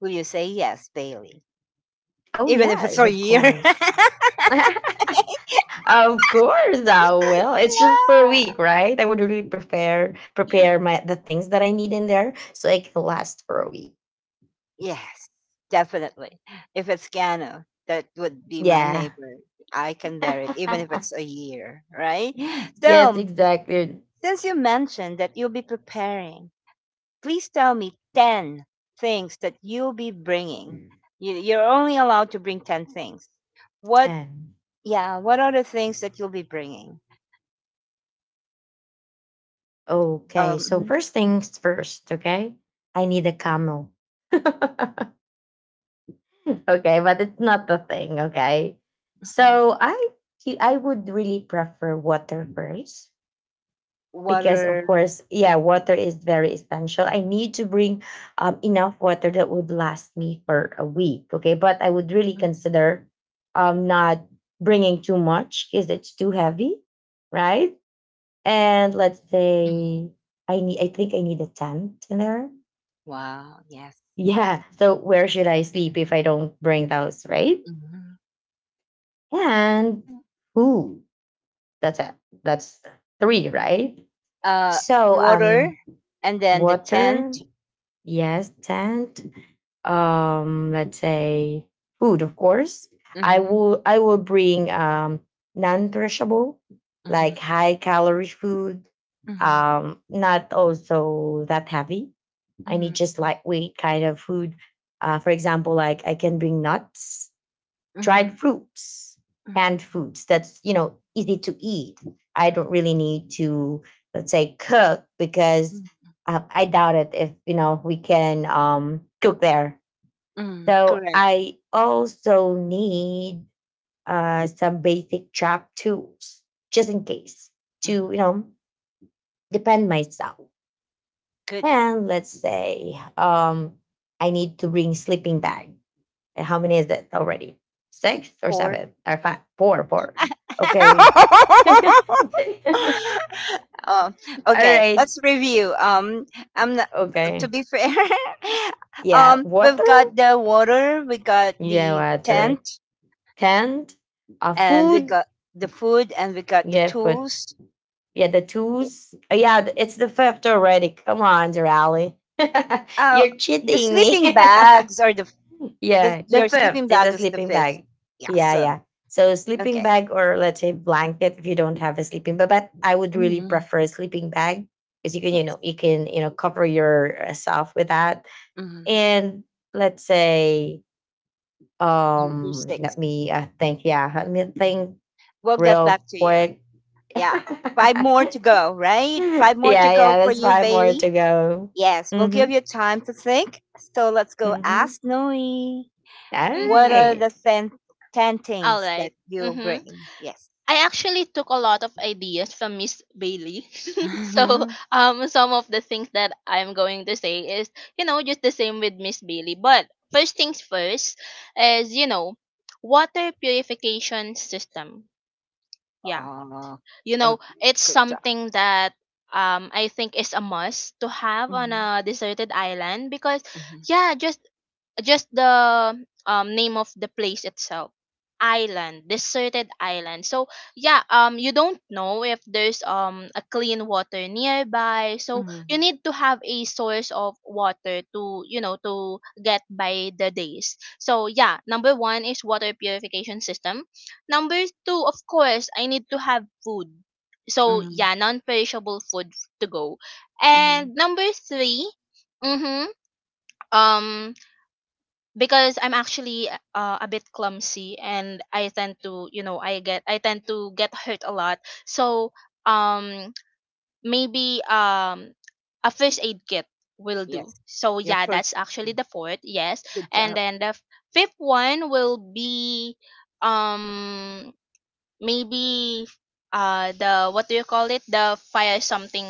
Speaker 1: Will you say yes, Bailey?
Speaker 2: Oh
Speaker 1: Even if it's for
Speaker 2: yes,
Speaker 1: a
Speaker 2: of
Speaker 1: year? Yeah.
Speaker 2: course. Of course I will. It's just per week, right? I would really prepare prepare my the things that I need in there so it can last for a week.
Speaker 1: Yes, definitely. If it's Gano, that would be my
Speaker 2: Yeah.
Speaker 1: neighbor. I can bear it, even if it's a year, right?
Speaker 2: Mm. Yes,
Speaker 1: So,
Speaker 2: exactly.
Speaker 1: since you mentioned that you'll be preparing, please tell me ten things that you'll be bringing. You, you're only allowed to bring ten things. What,
Speaker 2: Ten.
Speaker 1: yeah, what are the things that you'll be bringing?
Speaker 2: Okay,
Speaker 1: Um,
Speaker 2: so
Speaker 1: mhm,
Speaker 2: first things first, okay? I need a camel. Okay, but it's not the thing, okay?
Speaker 1: mhm.
Speaker 2: So I you- I would really prefer water first
Speaker 1: What
Speaker 2: because of
Speaker 1: are.
Speaker 2: course, yeah, water
Speaker 1: Mhm,
Speaker 2: is very essential. I
Speaker 1: mhm,
Speaker 2: need to bring um, enough water that would last me for a week, okay? But I would really
Speaker 1: mhm.
Speaker 2: consider um not bringing too much because it's too heavy, right? And let's
Speaker 1: Mhm.
Speaker 2: say I need I think I need a tent in there.
Speaker 1: Wow, yes.
Speaker 2: Yeah. So where should I sleep if I don't bring those, right?
Speaker 1: Mhm.
Speaker 2: and
Speaker 1: Yeah.
Speaker 2: ooh, that's it. That's three, right?
Speaker 1: Uh,
Speaker 2: So
Speaker 1: water
Speaker 2: um,
Speaker 1: and then the
Speaker 2: water,
Speaker 1: tent.
Speaker 2: yes, tent. Um, let's say food, of course. I
Speaker 1: Mhm,
Speaker 2: will I will bring um non-perishable, like
Speaker 1: mhm,
Speaker 2: high calorie food.
Speaker 1: mhm,
Speaker 2: Um, not also that heavy. I need
Speaker 1: mhm,
Speaker 2: just
Speaker 1: mhm,
Speaker 2: lightweight kind of food. Uh, for example, like I can bring nuts,
Speaker 1: mhm,
Speaker 2: dried fruits,
Speaker 1: mhm,
Speaker 2: canned
Speaker 1: mhm,
Speaker 2: foods that's, you know, easy to eat. I don't really need to, let's say, cook because
Speaker 1: mhm,
Speaker 2: uh, I doubt it if, you know, we can um, cook there.
Speaker 1: mhm.
Speaker 2: So
Speaker 1: Correct.
Speaker 2: I also need uh, some basic chop tools just in case to,
Speaker 1: Mhm.
Speaker 2: you know, depend myself.
Speaker 1: Good.
Speaker 2: And let's say um, I need to bring sleeping bag, and how many is it already? Six or
Speaker 1: Four.
Speaker 2: seven or five? Four, four. Okay. All
Speaker 1: Oh, okay.
Speaker 2: right.
Speaker 1: Let's review. Um, I'm not, to
Speaker 2: Okay.
Speaker 1: be fair.
Speaker 2: Yeah.
Speaker 1: Um, we've got
Speaker 2: Water.
Speaker 1: the water, we got
Speaker 2: Yeah,
Speaker 1: the
Speaker 2: water.
Speaker 1: tent,
Speaker 2: Tent. Uh,
Speaker 1: and we
Speaker 2: food.
Speaker 1: got the food, and we got the
Speaker 2: Yeah, food.
Speaker 1: tools.
Speaker 2: Yeah, the tools. Oh, yeah, th- it's the fifth already. Come on, Rally.
Speaker 1: Uh,
Speaker 2: You're
Speaker 1: the
Speaker 2: cheating
Speaker 1: sleeping
Speaker 2: me.
Speaker 1: bags are the, the
Speaker 2: Yeah, the
Speaker 1: your sleeping
Speaker 2: fifth is
Speaker 1: bag
Speaker 2: a
Speaker 1: is the
Speaker 2: sleeping
Speaker 1: fifth.
Speaker 2: bag. Yeah,
Speaker 1: Awesome.
Speaker 2: yeah. So sleeping
Speaker 1: Okay.
Speaker 2: bag, or let's say blanket if you don't have a sleeping bag. But I would really
Speaker 1: Mhm.
Speaker 2: prefer a sleeping bag because you can, you
Speaker 1: Yes.
Speaker 2: know, you can, you know, cover yourself with that.
Speaker 1: Mhm.
Speaker 2: And let's say,
Speaker 1: Number
Speaker 2: um,
Speaker 1: six.
Speaker 2: let me uh, think. Yeah, let me
Speaker 1: Hmm.
Speaker 2: think
Speaker 1: We'll get
Speaker 2: real
Speaker 1: back to you.
Speaker 2: quick.
Speaker 1: Yeah. Five
Speaker 2: yeah,
Speaker 1: more to go, right? Five more to go
Speaker 2: yeah.
Speaker 1: for
Speaker 2: That's
Speaker 1: you,
Speaker 2: five more
Speaker 1: Bailey.
Speaker 2: to go.
Speaker 1: Yes. We'll give
Speaker 2: Mm-hmm.
Speaker 1: you time to think. So let's go
Speaker 2: Mm-hmm.
Speaker 1: ask Noe.
Speaker 2: All
Speaker 1: What are
Speaker 3: Mhm.
Speaker 1: the
Speaker 2: right.
Speaker 1: ten ten
Speaker 3: All
Speaker 1: things that
Speaker 3: right.
Speaker 1: you'll
Speaker 3: Mhm.
Speaker 1: bring? Yes.
Speaker 3: I actually took a lot of ideas from Miss Bailey. So, um some of the things that I'm going to say is, you know, just the same with Miss Bailey, but first things first is, you know, water purification system. Yeah.
Speaker 1: Oh,
Speaker 3: You know,
Speaker 1: okay.
Speaker 3: it's
Speaker 1: Good job.
Speaker 3: something that um I think is a must to have on
Speaker 1: Mm-hmm.
Speaker 3: a deserted island, because
Speaker 1: Mm-hmm.
Speaker 3: yeah, just just the um name of the place itself, island, deserted island. So yeah, um you don't know if there's um a clean water nearby, so
Speaker 1: Mm-hmm.
Speaker 3: you need to have a source of water to, you know, to get by the days. So yeah, number one is water purification system. Number two, of course, I need to have food. So
Speaker 1: Mm-hmm.
Speaker 3: yeah, non-perishable food to go.
Speaker 1: Mhm.
Speaker 3: And number three, mm-hmm, um, because I'm actually uh, a bit clumsy and I tend to, you know, I get I tend to get hurt a lot. So um, maybe um, a first aid kit will do.
Speaker 1: Yes.
Speaker 3: So
Speaker 1: Your
Speaker 3: yeah, that's
Speaker 1: first
Speaker 3: actually
Speaker 1: tip.
Speaker 3: the fourth. Yes,
Speaker 1: Good
Speaker 3: and
Speaker 1: job.
Speaker 3: then the f- fifth one will be um maybe uh the, what do you call it, the fire something.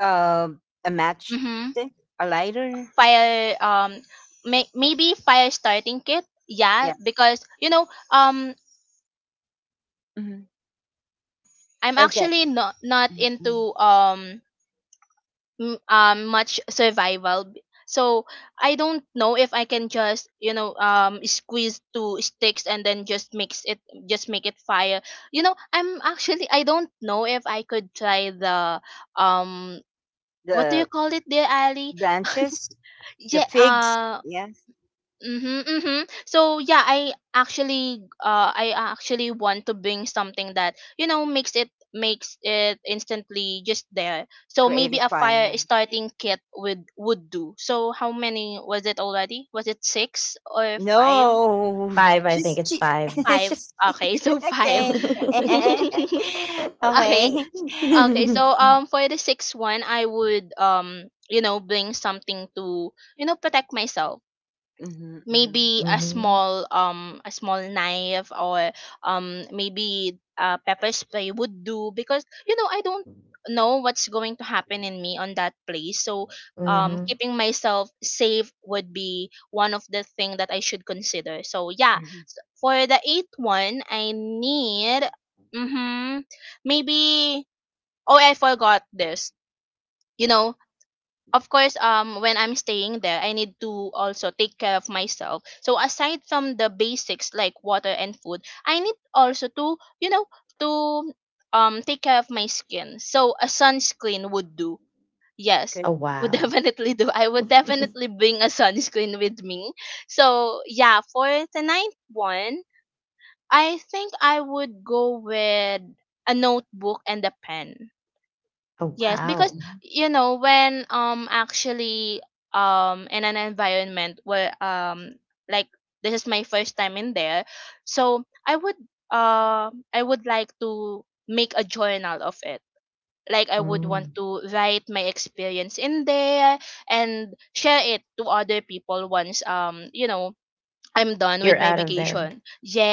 Speaker 1: Um, a
Speaker 3: Mm-hmm.
Speaker 1: matchstick, a lighter.
Speaker 3: Fire um may, maybe fire starting kit. Yeah,
Speaker 1: Yes.
Speaker 3: because you know um
Speaker 1: Mhm.
Speaker 3: you know I'm
Speaker 1: Okay.
Speaker 3: actually not not
Speaker 1: Mhm.
Speaker 3: into um m- um much survival b- so I don't know if I can just, you know, um squeeze two sticks and then just mix it, just make it fire. You know I'm actually, I don't know if I could try the um what do
Speaker 1: The
Speaker 3: you call it, there, Ali?
Speaker 1: branches, the
Speaker 3: Yeah.
Speaker 1: figs.
Speaker 3: Uh
Speaker 1: Yes.
Speaker 3: mm-hmm, mm-hmm. So yeah, I actually uh i actually want to bring something that you know makes it makes it instantly just there. So
Speaker 1: Create a
Speaker 3: maybe a
Speaker 1: fire.
Speaker 3: fire
Speaker 1: Right?
Speaker 3: starting kit would would do. So how many was it already? Was it six or five?
Speaker 1: No,
Speaker 2: Five. I think
Speaker 1: she's
Speaker 2: it's
Speaker 1: che-
Speaker 2: five.
Speaker 3: Five.
Speaker 1: she's
Speaker 3: Okay. So five.
Speaker 1: okay.
Speaker 2: mm-hmm.
Speaker 3: Okay.
Speaker 1: Okay.
Speaker 3: Okay, so um for the sixth one I would, um you know, bring something to, you know, protect myself.
Speaker 1: Mhm. Mhm.
Speaker 3: Maybe a small, um a small knife, or um maybe a pepper spray would do, because you know, I don't know what's going to happen in me on that place. So um
Speaker 2: Mm-hmm.
Speaker 3: keeping myself safe would be one of the thing that I should consider. So yeah.
Speaker 1: Mhm.
Speaker 3: S- for the eighth one I need, mhm, maybe, oh I forgot this, you know, of course, um when I'm staying there I need to also take care of myself. So aside from the basics like water and food, I need also to, you know, to um take care of my skin. So a sunscreen would do. Yes,
Speaker 1: Good.
Speaker 2: Oh
Speaker 3: would
Speaker 2: wow.
Speaker 3: definitely do. I would definitely bring a sunscreen with me. So yeah, for the ninth one, I think I would go with a notebook and a pen.
Speaker 2: Oh
Speaker 3: Yes,
Speaker 1: Mhm.
Speaker 3: because
Speaker 2: wow.
Speaker 1: Mhm.
Speaker 3: you know when um actually, um in an environment where, um like, this is my first time in there, so I would, uh I would like to make a journal of it. Like, I would want
Speaker 2: Mm.
Speaker 3: to write my experience in there and share it to other people once, um you know, I'm done
Speaker 2: You're
Speaker 3: with my
Speaker 2: out of there.
Speaker 3: vacation.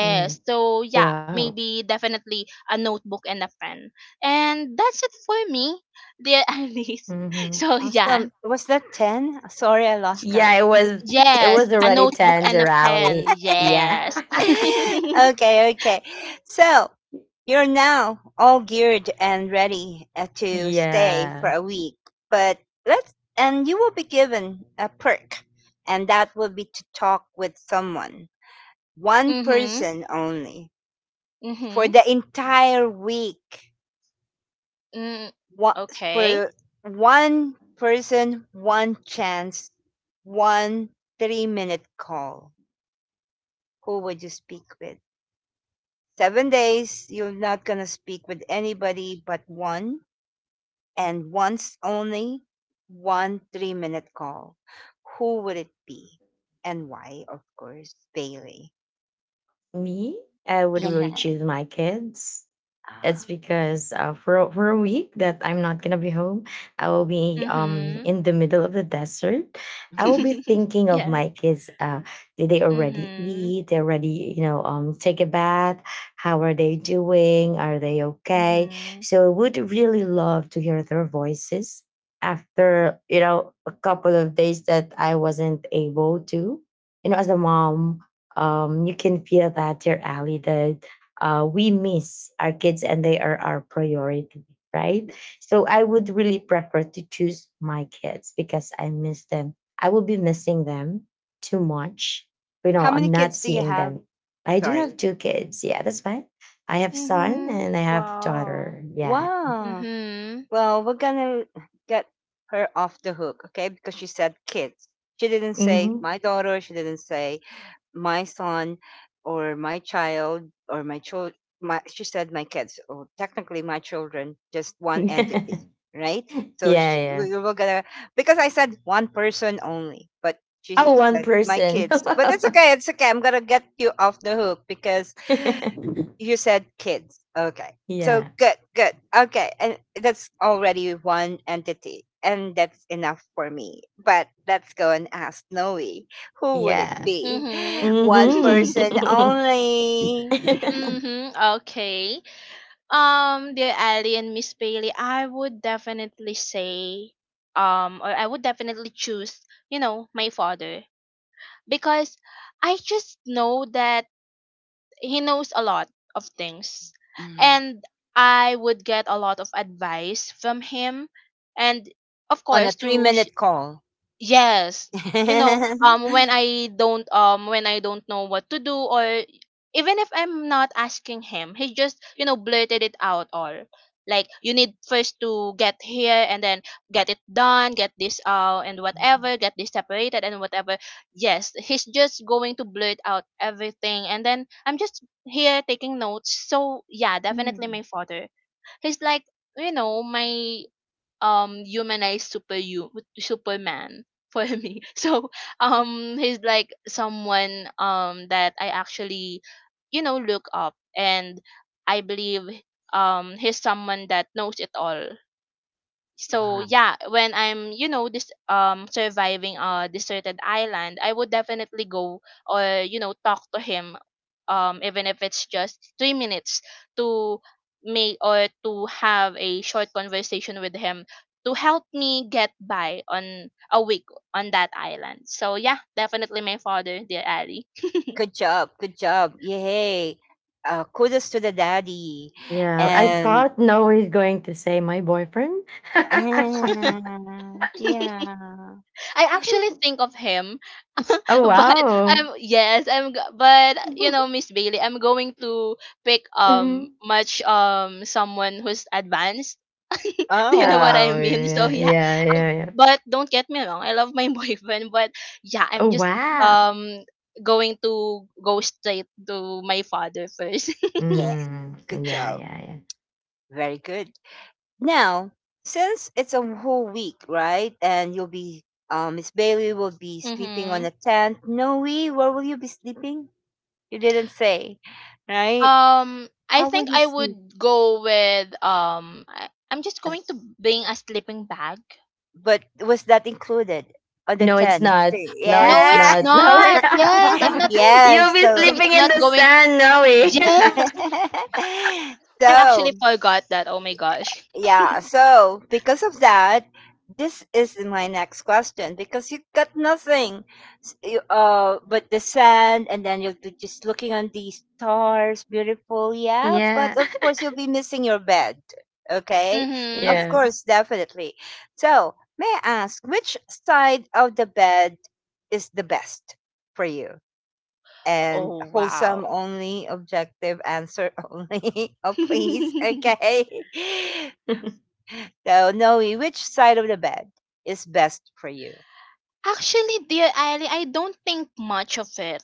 Speaker 2: Mm.
Speaker 3: So yeah,
Speaker 2: Wow.
Speaker 3: maybe definitely a notebook and a pen. And that's it for me, dear Alice.
Speaker 2: Mm-hmm.
Speaker 3: So yeah.
Speaker 1: Awesome. Was that ten? Sorry, I lost
Speaker 3: Y-
Speaker 2: Yeah,
Speaker 1: count.
Speaker 2: it was it was
Speaker 3: Yes, a
Speaker 2: already
Speaker 3: notebook and
Speaker 2: Tender
Speaker 3: a pen.
Speaker 2: Alley. Yeah.
Speaker 3: Yes.
Speaker 1: Okay, okay. So you're now all geared and ready uh, to stay for
Speaker 2: yeah.
Speaker 1: a week, but let's and you will be given a perk, and that will be to talk with someone, one
Speaker 3: Mhm.
Speaker 1: person only, for
Speaker 3: Mhm.
Speaker 1: the entire week.
Speaker 3: Mm,
Speaker 1: What
Speaker 3: okay.
Speaker 1: for one person, one chance, one three minute call. Who would you speak with? Seven days, you're not going to speak with anybody but one, and once only one three minute call. Who would it be? And why, of course, Bailey.
Speaker 2: Me? I would really
Speaker 1: Yeah.
Speaker 2: choose my kids. It's
Speaker 1: Ah,
Speaker 2: because uh, for a- for a week that I'm not gonna be home, I will be um
Speaker 3: Mhm.
Speaker 2: in the middle of the desert. I will
Speaker 1: mhm.
Speaker 2: be thinking of
Speaker 3: Yes.
Speaker 2: my kids. Uh, did they already
Speaker 3: Mhm.
Speaker 2: eat? They already you know um take a bath. How are they doing? Are they okay?
Speaker 3: Mhm.
Speaker 2: So would really love to hear their voices after you know a couple of days that I wasn't able to. You know, as a mom, um, you can feel that you're allied, uh, we miss our kids and they are our priority, right? So I would really prefer to choose my kids because I miss them. I will be missing them too much. You
Speaker 1: How
Speaker 2: know,
Speaker 1: many
Speaker 2: I'm
Speaker 1: kids
Speaker 2: not
Speaker 1: do you
Speaker 2: seeing
Speaker 1: have?
Speaker 2: them. I do
Speaker 1: Sorry.
Speaker 2: have two kids. Yeah, that's fine. I have son
Speaker 3: Mhm.
Speaker 2: and I have
Speaker 3: Wow.
Speaker 2: daughter. Yeah.
Speaker 1: Wow.
Speaker 3: Mhm.
Speaker 1: Well, we're going to get her off the hook, okay? Because she said kids. She didn't say
Speaker 2: hmm
Speaker 1: my daughter. She didn't say my son or my child or my child my. She said my kids, or technically my children, just one
Speaker 2: yeah,
Speaker 1: entity, right? So sh
Speaker 2: yeah.
Speaker 1: we were gonna because I said one person only but
Speaker 2: Oh,
Speaker 1: she
Speaker 2: one
Speaker 1: said my
Speaker 2: person.
Speaker 1: kids, but it's okay, it's okay, I'm gonna get you off the hook because you said kids. Okay. So
Speaker 2: yeah.
Speaker 1: good, good. Okay. And that's already one entity. And that's enough for me. But let's go and ask Noe. Who would it
Speaker 2: Yeah.
Speaker 1: be?
Speaker 3: Mhm.
Speaker 1: One person
Speaker 2: hmm
Speaker 1: only.
Speaker 3: Mhm. Okay. Um, dear Ali and Miss Bailey, I would definitely say, um, or I would definitely choose, you know, my father, because I just know that he knows a lot of things,
Speaker 1: Mm,
Speaker 3: and I would get a lot of advice from him, and of
Speaker 1: on a
Speaker 3: course
Speaker 1: three
Speaker 3: to sh-
Speaker 1: minute call.
Speaker 3: yes. You know, um when I don't um when I don't know what to do, or even if I'm not asking him, he just, you know, blurted it out all. Like, you need first to get here, and then get it done, get this out and whatever, get this separated and whatever. Yes, he's just going to blurt out everything, and then I'm just here taking notes. So yeah, definitely
Speaker 1: Mm.
Speaker 3: my father. He's like, you know, my um humanized super you superman for me. So um he's like someone, um that I actually, you know, look up and I believe, um he's someone that knows it all. So
Speaker 1: Wow.
Speaker 3: yeah, when I'm, you know, this, um surviving a deserted island, I would definitely go or, you know, talk to him, um even if it's just three minutes, to make, or to have a short conversation with him to help me get by on a week on that island. So yeah, definitely my father, dear Ali.
Speaker 1: Good job. Good job. Yay. Uh, kudos to the daddy.
Speaker 2: Yeah, I
Speaker 1: And,
Speaker 2: thought Noah is going to say my boyfriend.
Speaker 1: and yeah.
Speaker 3: I actually think of him,
Speaker 2: oh
Speaker 3: but
Speaker 2: wow.
Speaker 3: I'm, yes, I'm go- but you know, Miss Bailey, I'm going to pick, um
Speaker 2: Mhm.
Speaker 3: much um someone who's advanced. Do you
Speaker 1: Oh,
Speaker 3: know what
Speaker 1: wow.
Speaker 3: I
Speaker 2: Oh
Speaker 3: mean? So
Speaker 2: yeah,
Speaker 3: yeah,
Speaker 2: yeah, yeah, yeah.
Speaker 3: but don't get me wrong, I love my boyfriend, but yeah, I'm
Speaker 2: Oh
Speaker 3: just
Speaker 2: wow.
Speaker 3: um going to go straight to my father first.
Speaker 1: Yeah.
Speaker 2: Mm,
Speaker 1: Good
Speaker 2: yeah,
Speaker 1: job.
Speaker 2: yeah, yeah.
Speaker 1: Very good. Now, since it's a whole week, right? And you'll be, um, Miss Bailey will be sleeping on
Speaker 3: Mm-hmm.
Speaker 1: a tent. Noe, where will you be sleeping? You didn't say, right?
Speaker 3: Um, I
Speaker 1: How will
Speaker 3: think
Speaker 1: you
Speaker 3: I
Speaker 1: sleep?
Speaker 3: would go with um. I, I'm just
Speaker 1: As-
Speaker 3: going to bring a sleeping bag.
Speaker 1: but was that included on the
Speaker 2: No, it's
Speaker 1: tent?
Speaker 2: not. No,
Speaker 3: No,
Speaker 2: it's
Speaker 1: Yeah.
Speaker 3: it's
Speaker 2: not. No,
Speaker 3: not. Yes, I'm not.
Speaker 2: you'll
Speaker 1: Yes.
Speaker 2: be
Speaker 1: So,
Speaker 3: Yes,
Speaker 2: sleeping
Speaker 3: I'm
Speaker 2: in
Speaker 3: not
Speaker 2: the
Speaker 3: going.
Speaker 2: sand, Noe.
Speaker 3: Yes, I
Speaker 1: so,
Speaker 3: actually forgot that. Oh my gosh.
Speaker 1: yeah, so because of that, this is my next question because you got nothing s- you- uh, but the sand, and then you'll be just looking on these stars, beautiful, yeah. But
Speaker 2: yeah,
Speaker 1: of course, you'll be missing your bed, okay?
Speaker 3: Mm-hmm.
Speaker 1: Of
Speaker 2: yeah.
Speaker 1: course, definitely. So, may I ask, which side of the bed is the best for you? And
Speaker 3: Oh
Speaker 1: wholesome
Speaker 3: wow.
Speaker 1: only, objective answer only, oh, please, okay? So knowing which side of the bed is best for you.
Speaker 3: Actually, dear Ali, I don't think much of it,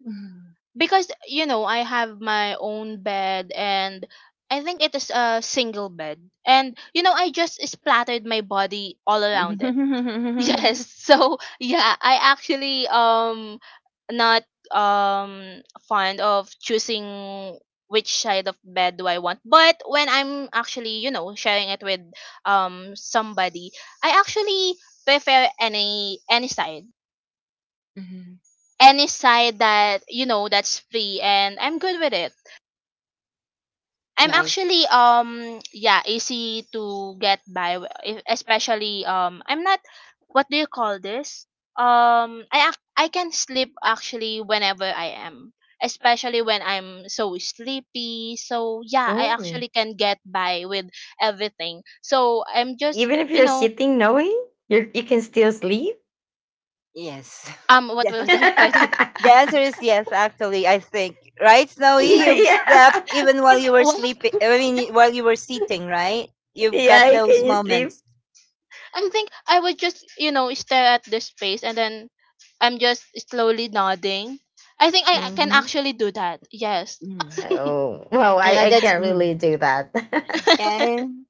Speaker 1: Mhm.
Speaker 3: because you know I have my own bed, and I think it is a single bed, and you know I just splattered my body all around. Yes. So yeah, I actually um not um fond of choosing which side of bed do I want. But when I'm actually, you know, sharing it with, um somebody, I actually prefer any any side.
Speaker 1: Mhm.
Speaker 3: Any side that, you know, that's free and I'm good with it. I'm
Speaker 1: Nice.
Speaker 3: actually, um yeah, easy to get by, w- e- especially um I'm not, what do you call this? Um, I ac- I can sleep actually whenever I am, especially when I'm so sleepy. So yeah, I
Speaker 2: oh,
Speaker 3: actually can get by with everything. So I'm just,
Speaker 2: even if
Speaker 3: you
Speaker 2: you're
Speaker 3: know,
Speaker 2: sitting, Noe, you you can still sleep.
Speaker 1: Yes.
Speaker 3: um what was the
Speaker 1: Yes.
Speaker 3: important?
Speaker 1: The answer is yes, actually, I think. Right, Snowy?
Speaker 2: yeah,
Speaker 1: You've slept
Speaker 2: yeah.
Speaker 1: even while
Speaker 3: I'm
Speaker 1: you were
Speaker 3: what?
Speaker 1: sleeping, I mean, while you were sitting, right? You've got
Speaker 2: Yeah,
Speaker 1: those
Speaker 2: can you sleep?
Speaker 1: moments.
Speaker 3: I think I would just, you know, stare at the space, and then I'm just slowly nodding. I think I, I can
Speaker 2: Hmm
Speaker 3: actually do that. Yes.
Speaker 1: Mm.
Speaker 2: Oh, well, I,
Speaker 1: Yeah,
Speaker 2: I
Speaker 1: that's,
Speaker 2: can't
Speaker 1: mm.
Speaker 2: really do that.
Speaker 3: Actually,
Speaker 1: And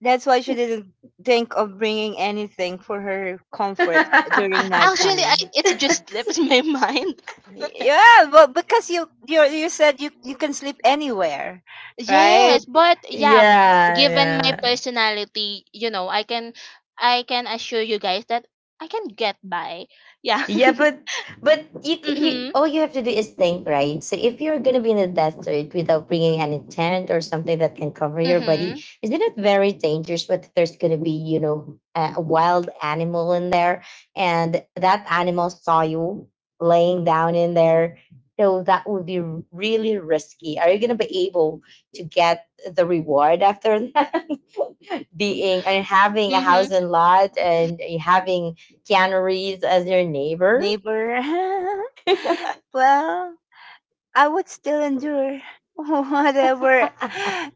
Speaker 1: that's why she didn't think of bringing anything for her comfort during
Speaker 3: I,
Speaker 1: nighttime.
Speaker 3: it just slips my mind.
Speaker 1: Yeah, well, because you you you said you you can sleep anywhere, right,
Speaker 3: Yes, but yeah,
Speaker 2: yeah,
Speaker 3: given my
Speaker 2: yeah.
Speaker 3: personality, you know, I can, I can assure you guys that I can get by. Yeah.
Speaker 2: Yeah, but but you c- you
Speaker 3: Mhm.
Speaker 2: all you have to do is think, right? So if you're gonna be in the desert without bringing any tent or something that can cover your body,
Speaker 3: Mhm.
Speaker 2: isn't it very dangerous? But there's gonna be you know a, a wild animal in there, and that animal saw you laying down in there. So that would be really risky. Are you gonna be able to get the reward after that? being and having a
Speaker 3: Mhm.
Speaker 2: house and lot and having Keanu Reeves as your neighbor?
Speaker 1: neighbor?
Speaker 2: yeah,
Speaker 1: Well, I would still endure whatever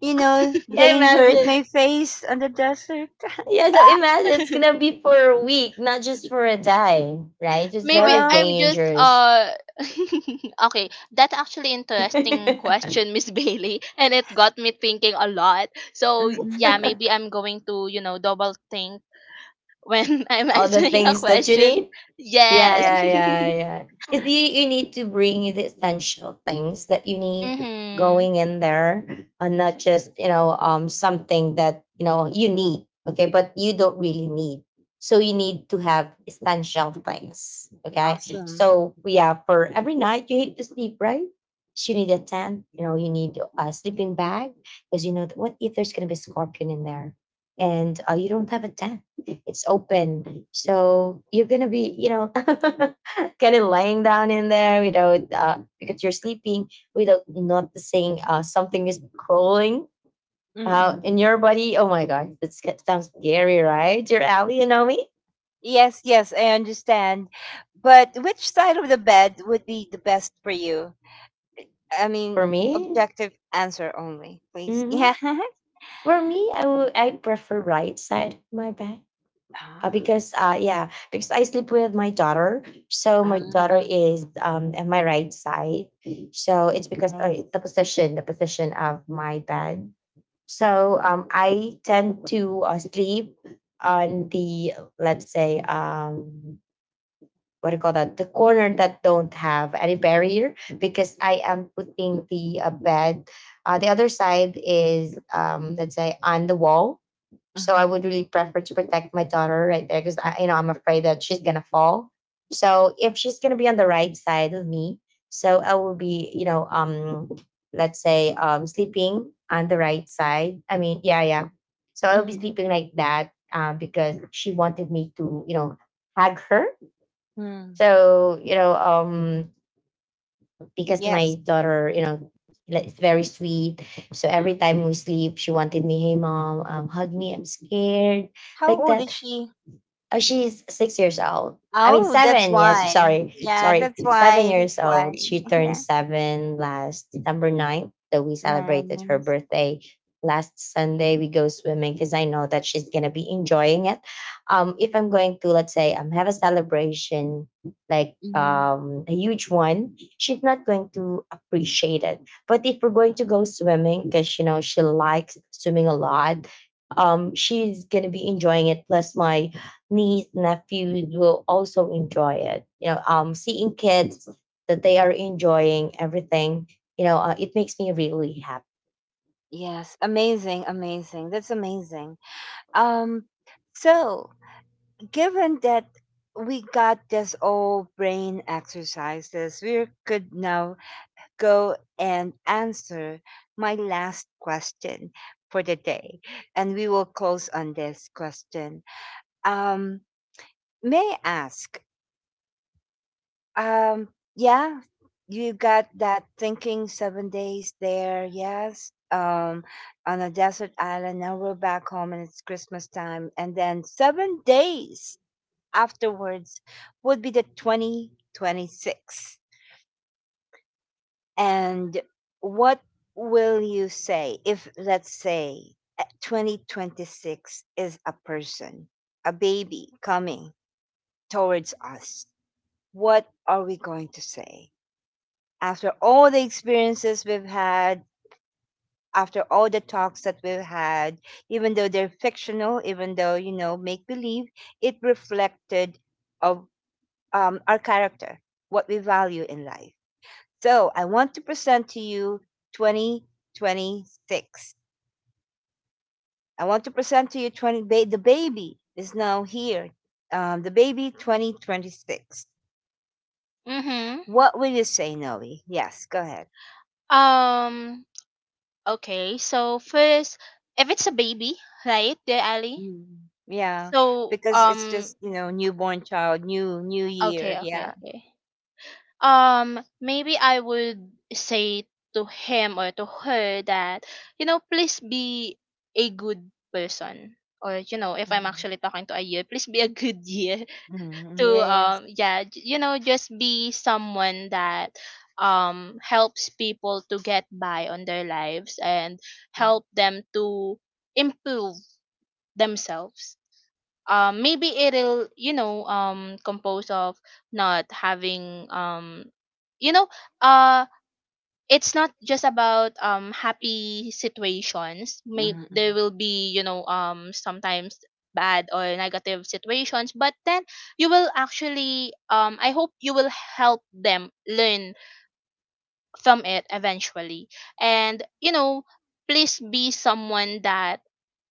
Speaker 1: you know danger it
Speaker 2: imagine.
Speaker 1: may face on the desert.
Speaker 2: Yeah, so imagine it's gonna be for a week, not just for a day, right? It's
Speaker 3: Maybe
Speaker 2: very
Speaker 1: Well,
Speaker 3: I'm just
Speaker 2: dangerous.
Speaker 3: uh okay. That's actually interesting question, Miss Bailey, and it got me thinking a lot. So
Speaker 1: mm-mm.
Speaker 3: yeah, maybe I'm going to, you know, double think when I'm
Speaker 2: All the
Speaker 3: answering a
Speaker 2: things that you
Speaker 3: question.
Speaker 2: need. Yeah,
Speaker 3: Yes.
Speaker 2: yeah,
Speaker 1: Yes,
Speaker 2: yeah, yeah. Because you, you need to bring the essential things that you need
Speaker 3: Mm-hmm.
Speaker 2: going in there, and not just you know um something that you know you need. Okay, but you don't really need. So you need to have essential things. Okay,
Speaker 1: awesome.
Speaker 2: so yeah, for every night you need to sleep, right? You need a tent. You know, you need a sleeping bag because you know what if there's gonna be a scorpion in there, and uh, you don't have a tent, it's open. So you're gonna be, you know, kind of lying down in there without uh, because you're sleeping without noticing uh, something is crawling out in
Speaker 1: Mm-mm.
Speaker 2: your body. Oh my god, that sounds scary, right? Your alley, you know me.
Speaker 1: Yes, yes, I understand. But which side of the bed would be the best for you? I mean,
Speaker 2: For me,
Speaker 1: objective answer only, please.
Speaker 2: hmm
Speaker 1: Yeah.
Speaker 2: for me, I would I prefer right side my back. Uh, because uh, yeah, because I sleep with my daughter. So my daughter
Speaker 1: Ah,
Speaker 2: is um at my right side. So it's because
Speaker 1: nice.
Speaker 2: uh, the position, the position of my bed. So um, I tend to uh, sleep on the, let's say, um what do you call that, the corner that don't have any barrier because I am putting the uh, bed. Uh, the other side is um let's say on the wall, so I
Speaker 1: Mhm,
Speaker 2: would really prefer to protect my daughter right there because I, you know, I'm afraid that she's gonna fall. So if she's gonna be on the right side of me, so I will be, you know, um, let's say, um, sleeping on the right side. I mean, yeah, yeah. So I'll be
Speaker 1: mhm,
Speaker 2: sleeping like that um, because she wanted me to, you know, hug her.
Speaker 1: mm.
Speaker 2: So you know, um, because my
Speaker 1: Yes.
Speaker 2: daughter, you know, like, is very sweet. So every time we sleep, she wanted me, hey mom, um, hug me. I'm scared
Speaker 1: How
Speaker 2: like
Speaker 1: old is
Speaker 2: that.
Speaker 1: she?
Speaker 2: Oh, she's six years old. I mean,
Speaker 1: Oh, that's
Speaker 2: seven. Yes,
Speaker 1: why.
Speaker 2: sorry,
Speaker 1: Yeah,
Speaker 2: sorry,
Speaker 1: that's
Speaker 2: seven
Speaker 1: why. That's
Speaker 2: years old.
Speaker 1: why.
Speaker 2: She turned
Speaker 1: Yeah.
Speaker 2: seven last December ninth. So we celebrated her
Speaker 1: Nice.
Speaker 2: birthday last Sunday. We go swimming because I know that she's gonna be enjoying it. Um, if I'm going to, let's say, um, have a celebration like
Speaker 1: Hmm.
Speaker 2: um a huge one, she's not going to appreciate it. But if we're going to go swimming, because you know she likes swimming a lot, um, she's gonna be enjoying it. Plus, my niece nephews will also enjoy it, you know, um seeing kids that they are enjoying everything, you know, uh, it makes me really happy.
Speaker 1: Yes. Amazing. Amazing. That's amazing. Um, so given that we got this old brain exercises, we could now go and answer my last question for the day, and we will close on this question. Um, May I ask? Um, yeah, you got that thinking seven days there, yes, um, on a desert island. Now we're back home and it's Christmas time. And then seven days afterwards would be the twenty twenty-six. And what will you say if, let's say, uh, twenty twenty-six is a person, a baby coming towards us? What are we going to say? After all the experiences we've had, after all the talks that we've had, even though they're fictional, even though you know make believe, it reflected of um, our character, what we value in life. So I want to present to you twenty twenty-six. I want to present to you twenty ba- the baby is now here. Um, the baby twenty twenty-six.
Speaker 3: Mm-hmm.
Speaker 1: What will you say, Noe? Yes, go ahead.
Speaker 3: Um, okay, so first, if it's a baby, right, dear Ali?
Speaker 1: Mm. Yeah,
Speaker 3: So,
Speaker 1: because it's just,
Speaker 3: um,
Speaker 1: you know, newborn child, new new year.
Speaker 3: okay, okay,
Speaker 1: Yeah.
Speaker 3: okay. Um, maybe I would say to him or to her that, you know, please be a good person, or you know, if I'm
Speaker 1: Mm.
Speaker 3: actually talking to a year, please be a good year.
Speaker 1: Mm.
Speaker 3: To,
Speaker 1: Yes.
Speaker 3: um yeah, j- you know, just be someone that, um helps people to get by on their lives and
Speaker 1: Mm.
Speaker 3: help them to improve themselves. Um maybe it'll, you know, um compose of not having, um you know, uh it's not just about, um happy situations. May
Speaker 1: Mm.
Speaker 3: there will be, you know, um sometimes bad or negative situations, but then you will actually, um I hope, you will help them learn from it eventually. And you know, please be someone that,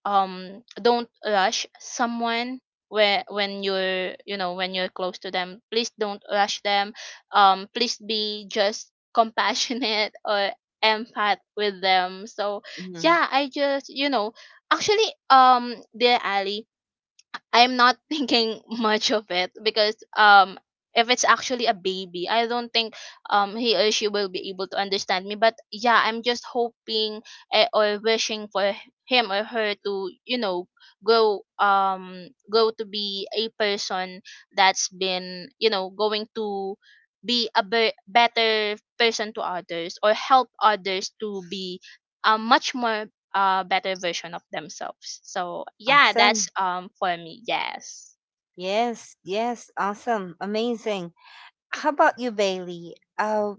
Speaker 3: um don't rush someone, where when you're, you know, when you're close to them, please don't rush them. Um please be just compassionate or empath with them. So
Speaker 1: Mm.
Speaker 3: yeah, I just, you know, actually, um dear Ali, I'm not thinking much of it because, um if it's actually a baby, I don't think um he or she will be able to understand me. But yeah, I'm just hoping, eh, or wishing for h- him or her to, you know, go um go to be a person that's been, you know, going to be a be- better person to others, or help others to be, um, much more a better version of themselves. So yeah, that's,
Speaker 1: Awesome.
Speaker 3: um for me. Yes.
Speaker 1: Yes. Yes. Awesome. Amazing. How about you, Bailey? Uh,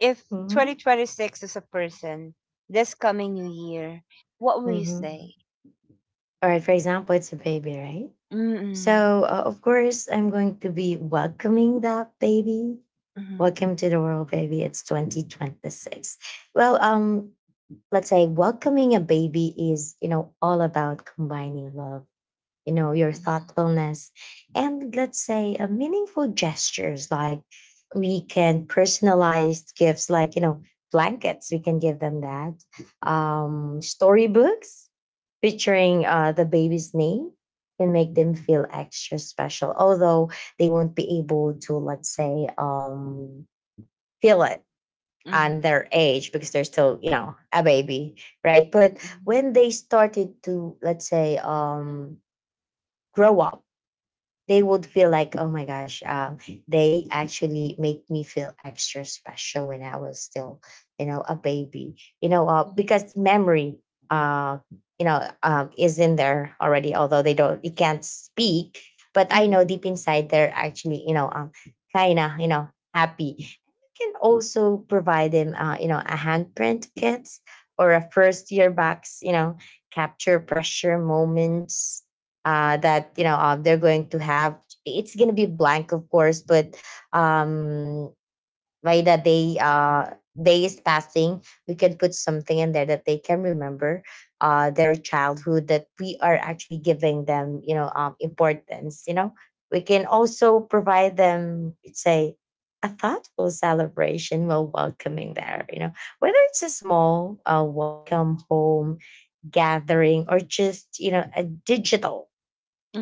Speaker 1: if
Speaker 2: Mm-hmm.
Speaker 1: twenty twenty-six is a person, this coming new year, what will you
Speaker 2: Mm-hmm.
Speaker 1: say?
Speaker 2: All right. For example, it's a baby, right?
Speaker 1: Mm-mm.
Speaker 2: So, uh, of course, I'm going to be welcoming that baby.
Speaker 1: Mm-mm.
Speaker 2: Welcome to the world, baby. It's twenty twenty-six. Well, um, let's say welcoming a baby is, you know, all about combining love, you know, your thoughtfulness, and let's say uh, meaningful gestures like we can personalize gifts like, you know, blankets, we can give them that. Um, storybooks featuring uh, the baby's name can make them feel extra special, although they won't be able to, let's say, um, feel it on
Speaker 1: Mm-mm.
Speaker 2: their age because they're still, you know, a baby, right? But
Speaker 1: Mm-mm.
Speaker 2: when they started to, let's say, um, grow up, they would feel like, oh my gosh, um, they actually make me feel extra special when I was still, you know, a baby, you know, uh, because memory, uh, you know, um, is in there already, although they don't, they can't speak. But I know
Speaker 1: Mm-mm.
Speaker 2: deep inside they're actually, you know, um, kind of, you know, happy. Can also provide him, uh, you know, a handprint kit or a first year box, you know, capture pressure moments uh, that, you know, uh, they're going to have. It's going to be blank, of course, but um, by the day uh day is passing, we can put something in there that they can remember, uh their childhood, that we are actually giving them, you know, um importance. You know, we can also provide them, say, a thoughtful celebration while welcoming there, you know, whether it's a small uh, welcome home gathering or just you know a digital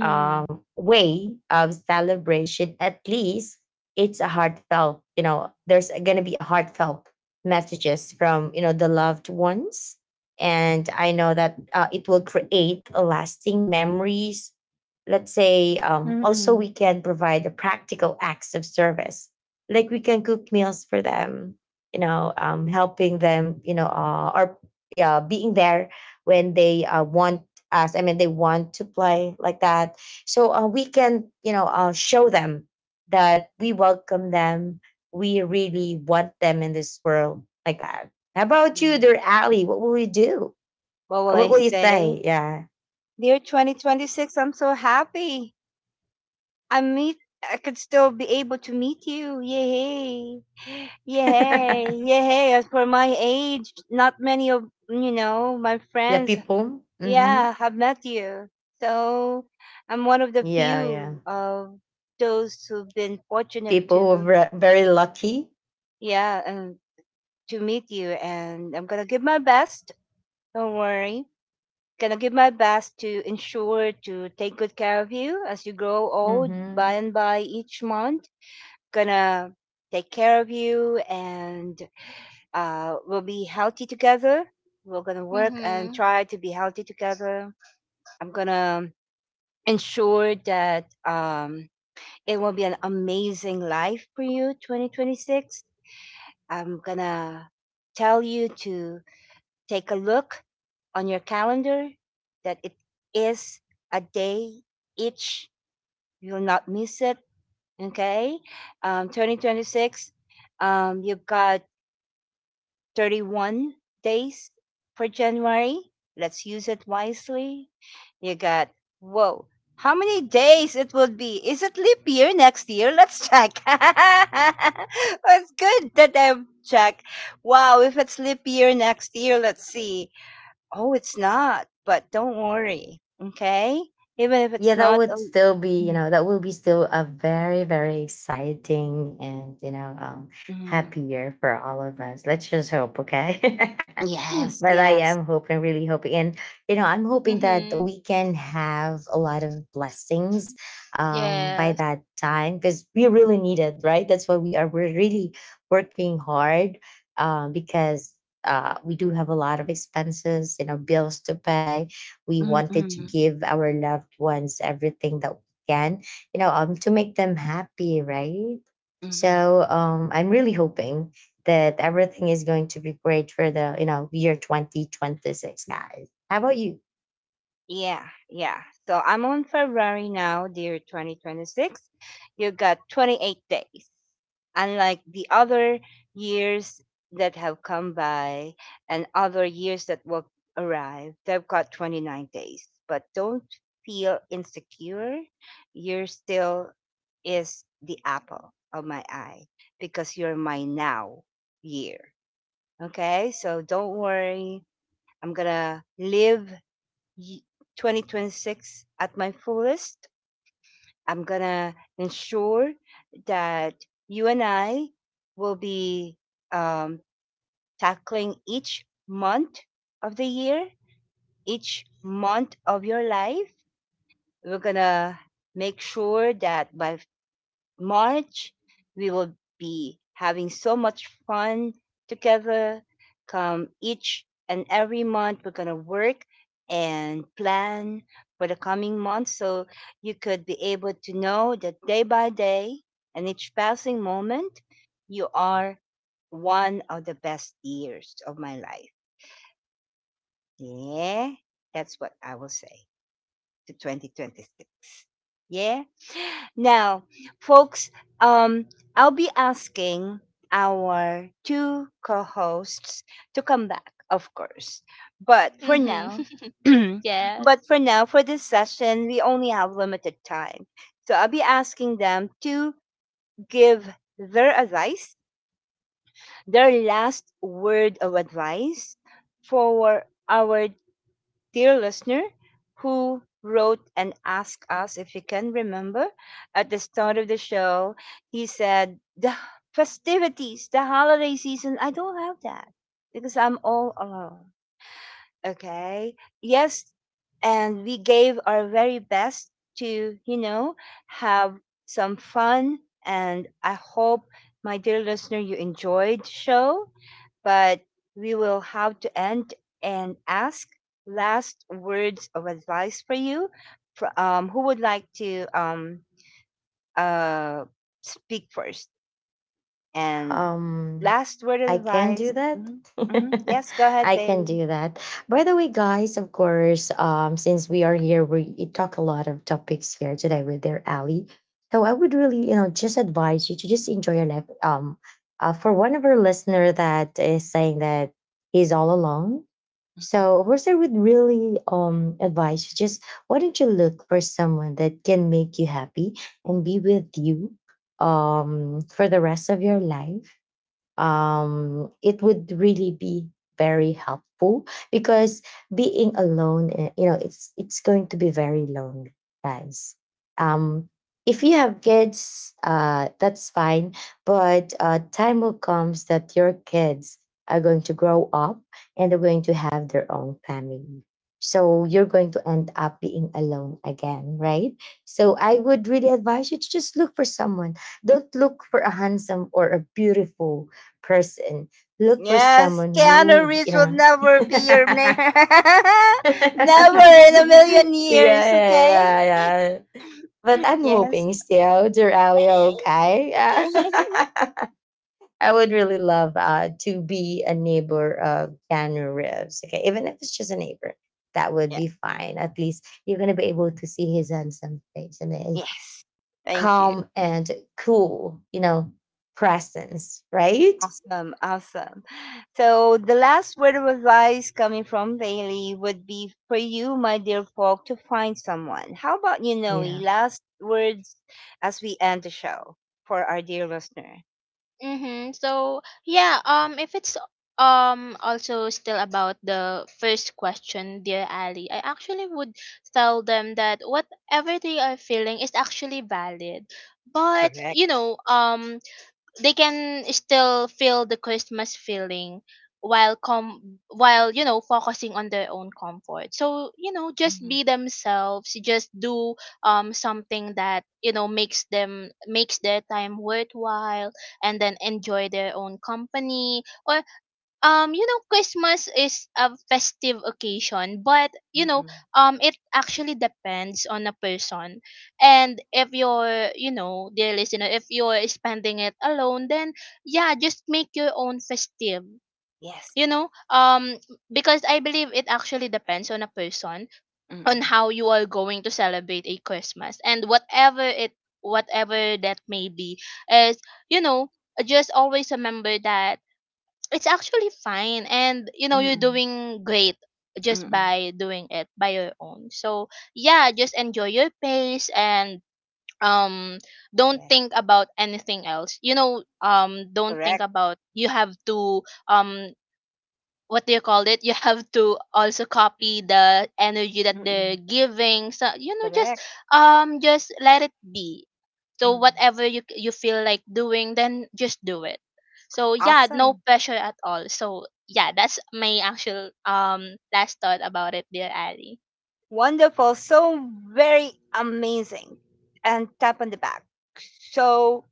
Speaker 2: um, way of celebration, at least it's a heartfelt, you know, there's going to be a heartfelt messages from, you know, the loved ones. And I know that uh, it will create a lasting memories. Let's say um, also
Speaker 1: Mm-mm.
Speaker 2: we can provide the practical acts of service. Like we can cook meals for them, you know, um, helping them, you know, uh, or yeah, being there when they uh, want us. I mean, they want to play like that, so uh, we can, you know, uh, show them that we welcome them. We really want them in this world like that. How about you,
Speaker 1: Mm-mm.
Speaker 2: dear Ali? What will you do?
Speaker 1: What will
Speaker 2: Uh, What
Speaker 1: I
Speaker 2: will you
Speaker 1: say?
Speaker 2: say? Yeah.
Speaker 1: Dear twenty twenty-six, I'm so happy. I meet I could still be able to meet you. Yay. Yay.
Speaker 2: the
Speaker 1: Yay. As for my age, not many of you know, my friends,
Speaker 2: people. Hmm
Speaker 1: yeah, have met you. So I'm one of the
Speaker 2: Yeah, yeah.
Speaker 1: few of those who've been fortunate
Speaker 2: People who are
Speaker 1: to,
Speaker 2: ver- very lucky.
Speaker 1: yeah, and to meet you and I'm gonna give my best. Don't worry. Gonna give my best to ensure to take good care of you as you grow old by
Speaker 2: Mm-hmm.
Speaker 1: and by each month gonna take care of you and uh, we'll be healthy together, we're gonna work and
Speaker 3: Mhm.
Speaker 1: try to be healthy together. I'm gonna ensure that um, it will be an amazing life for you, twenty twenty-six. I'm gonna tell you to take a look on your calendar that it is a day each. You'll not miss it. Okay. Um, twenty twenty-six, um, you've got thirty-one days for January. Let's use it wisely. You got, whoa, how many days it will be? Is it leap year next year? Let's check. It's good that I've checked. Wow, if it's leap year next year, let's see. Oh, it's not, but don't worry, okay? Even if
Speaker 2: Yeah,
Speaker 1: it's
Speaker 2: that
Speaker 1: not a
Speaker 2: would still be you
Speaker 1: mm,
Speaker 2: know that will be still a very very exciting and you know um
Speaker 1: mm.
Speaker 2: happy year for all of us, let's just hope, okay?
Speaker 1: Yes,
Speaker 2: But I
Speaker 1: yes.
Speaker 2: am hoping, really hoping, and you know I'm hoping that
Speaker 3: Mhm.
Speaker 2: we can have a lot of blessings um by
Speaker 3: Yes.
Speaker 2: that time because we really need it, right? That's why we are we're really working hard um because uh, we do have a lot of expenses, you know, bills to pay, we
Speaker 1: Mm-mm,
Speaker 2: wanted to
Speaker 1: mm.
Speaker 2: give our loved ones everything that we can, you know, um, to make them happy, right?
Speaker 1: Mm.
Speaker 2: So um, I'm really hoping that everything is going to be great for the, you know, year twenty twenty-six, guys. How about you?
Speaker 1: Yeah, yeah. So I'm on February now, dear twenty twenty-six. You got twenty-eight days. Unlike the other years that have come by and other years that will arrive, they've got twenty-nine days. But don't feel insecure. You're still is the apple of my eye because you're my now year. Okay? So don't worry. I'm going to live ye- twenty twenty-six at my fullest. I'm going to ensure that you and I will be um, tackling each month of the year, each month of your life. We're going to make sure that by March, we will be having so much fun together. Come each and every month, we're going to work and plan for the coming month so you could be able to know that day by day and each passing moment, you are one of the best years of my life. Yeah, that's what I will say to twenty twenty-six. Yeah. Now, folks, um, I'll be asking our two co hosts to come back, of course. But for
Speaker 3: Mhm.
Speaker 1: now,
Speaker 3: Yes.
Speaker 1: but for now, for this session, we only have limited time. So I'll be asking them to give their advice, their last word of advice for our dear listener who wrote and asked us if you can remember at the start of the show. He said, the festivities, the holiday season, I don't have that because I'm all alone. Okay. Yes. And we gave our very best to, you know, have some fun. And I hope, my dear listener, you enjoyed the show but we will have to end and ask last words of advice for you. Fr- Um, who would like to um, uh, speak first? And
Speaker 2: Um,
Speaker 1: last word of
Speaker 2: I can do
Speaker 1: advice.
Speaker 2: that.
Speaker 1: hmm hmm Yes, go ahead,
Speaker 2: I can
Speaker 1: Bailey.
Speaker 2: do that. By the way, guys, of course, um, since we are here, we talk a lot of topics here today with their Ali. So I would really, you know, just advise you to just enjoy your life. Um, uh, for one of our listener that is saying that he's all alone. So of course, I would really um advise you, just why don't you look for someone that can make you happy and be with you um for the rest of your life. um, it would really be very helpful because being alone, eh, you know, it's it's going to be very lonely, guys. Um, if you have kids, uh, that's fine, but uh, time will come that your kids are going to grow up and they're going to have their own family. So you're going to end up being alone again, right? So I would really advise you to just look for someone, don't look for a handsome or a beautiful person. Look for
Speaker 1: Yes,
Speaker 2: someone
Speaker 1: Keanu
Speaker 2: who, you
Speaker 1: Reeves will
Speaker 2: know.
Speaker 1: never be your name.
Speaker 2: yeah,
Speaker 1: Never in a million
Speaker 2: yeah,
Speaker 1: years, okay?
Speaker 2: yeah, yeah. But I'm
Speaker 1: Yes.
Speaker 2: hoping still, dear Ali, okay? I would really love uh, to be a neighbor of Keanu Reeves. Okay, even if it's just a neighbor, that would
Speaker 1: Yeah.
Speaker 2: be fine. At least you're gonna be able to see his handsome face and his
Speaker 1: Yes. Thank you.
Speaker 2: calm and cool, you know, presence, right?
Speaker 1: Awesome, awesome. So the last word of advice coming from Bailey would be for you, my dear folk, to find someone. How about you, Noe?
Speaker 2: Yeah.
Speaker 1: Last words as we end the show for our dear listener.
Speaker 3: Mm-hmm. So yeah, um, if it's um also still about the first question, dear Ali, I actually would tell them that whatever they are feeling is actually valid. But
Speaker 1: Correct.
Speaker 3: you know, um, they can still feel the Christmas feeling while com while, you know, focusing on their own comfort. So you know, just
Speaker 1: Mm-mm,
Speaker 3: be themselves, just do, um something that, you know, makes them makes their time worthwhile, and then enjoy their own company. Or, um you know, Christmas is a festive occasion, but
Speaker 1: mm
Speaker 3: you know,
Speaker 1: Mm-mm.
Speaker 3: um it actually depends on a person. And if you're, you know, dear listener, if you're spending it alone, then yeah, just make your own festive,
Speaker 1: Yes.
Speaker 3: you know, um because I believe it actually depends on a person
Speaker 1: Mm-mm,
Speaker 3: on how you are going to celebrate a Christmas. And whatever it whatever that may be is, you know, just always remember that it's actually fine, and you know, you're
Speaker 1: mm-mm,
Speaker 3: doing great just
Speaker 1: mm-mm.
Speaker 3: by doing it by your own. So yeah, just enjoy your pace, and um don't
Speaker 1: Yes.
Speaker 3: think about anything else. You know, um don't think
Speaker 1: Correct.
Speaker 3: about you have to, um what do you call it? You have to also copy the energy that they're
Speaker 1: Mm-mm,
Speaker 3: giving. So you know, just
Speaker 1: correct.
Speaker 3: um just let it be. So
Speaker 1: Mm.
Speaker 3: whatever you you feel like doing, then just do it. So yeah, no
Speaker 1: Awesome.
Speaker 3: pressure at all. So yeah, that's my actual, um last thought about it, dear Ali.
Speaker 1: Wonderful. So very amazing. And tap on the back. So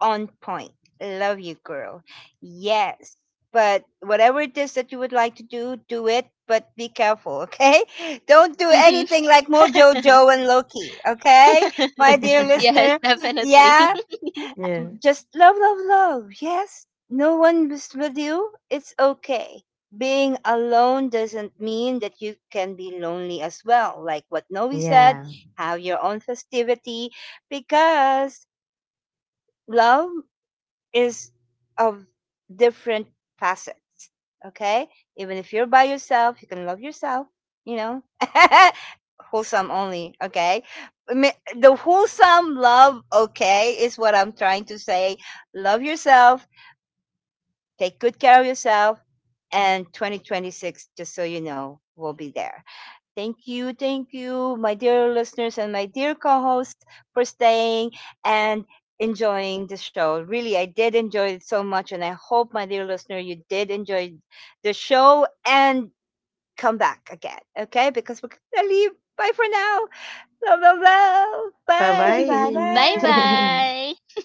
Speaker 1: on point. Love you, girl. Yes. But whatever it is that you would like to do, do it. But be careful, okay? Don't do
Speaker 3: Mhm.
Speaker 1: anything like Mojo Joe and Loki, okay? My dear
Speaker 3: Yes,
Speaker 1: listener.
Speaker 3: definitely.
Speaker 1: Yeah.
Speaker 2: yeah.
Speaker 1: Just love, love, love. Yes. No one is with you. It's okay, being alone doesn't mean that you can be lonely as well. Like what Noe said,
Speaker 2: Yeah.
Speaker 1: have your own festivity because love is of different facets. Okay? Even if you're by yourself, you can love yourself, you know? Wholesome only, okay? I mean, The wholesome love, okay, is what I'm trying to say. Love yourself. Take good care of yourself. And twenty twenty-six, just so you know, will be there. Thank you. Thank you, my dear listeners and my dear co host, for staying and enjoying the show. Really, I did enjoy it so much. And I hope, my dear listener, you did enjoy the show and come back again. Okay? Because we're going to leave. Bye for now. Love, love, love. Bye, bye,
Speaker 3: Bye
Speaker 1: bye.
Speaker 2: Bye-bye.
Speaker 3: bye.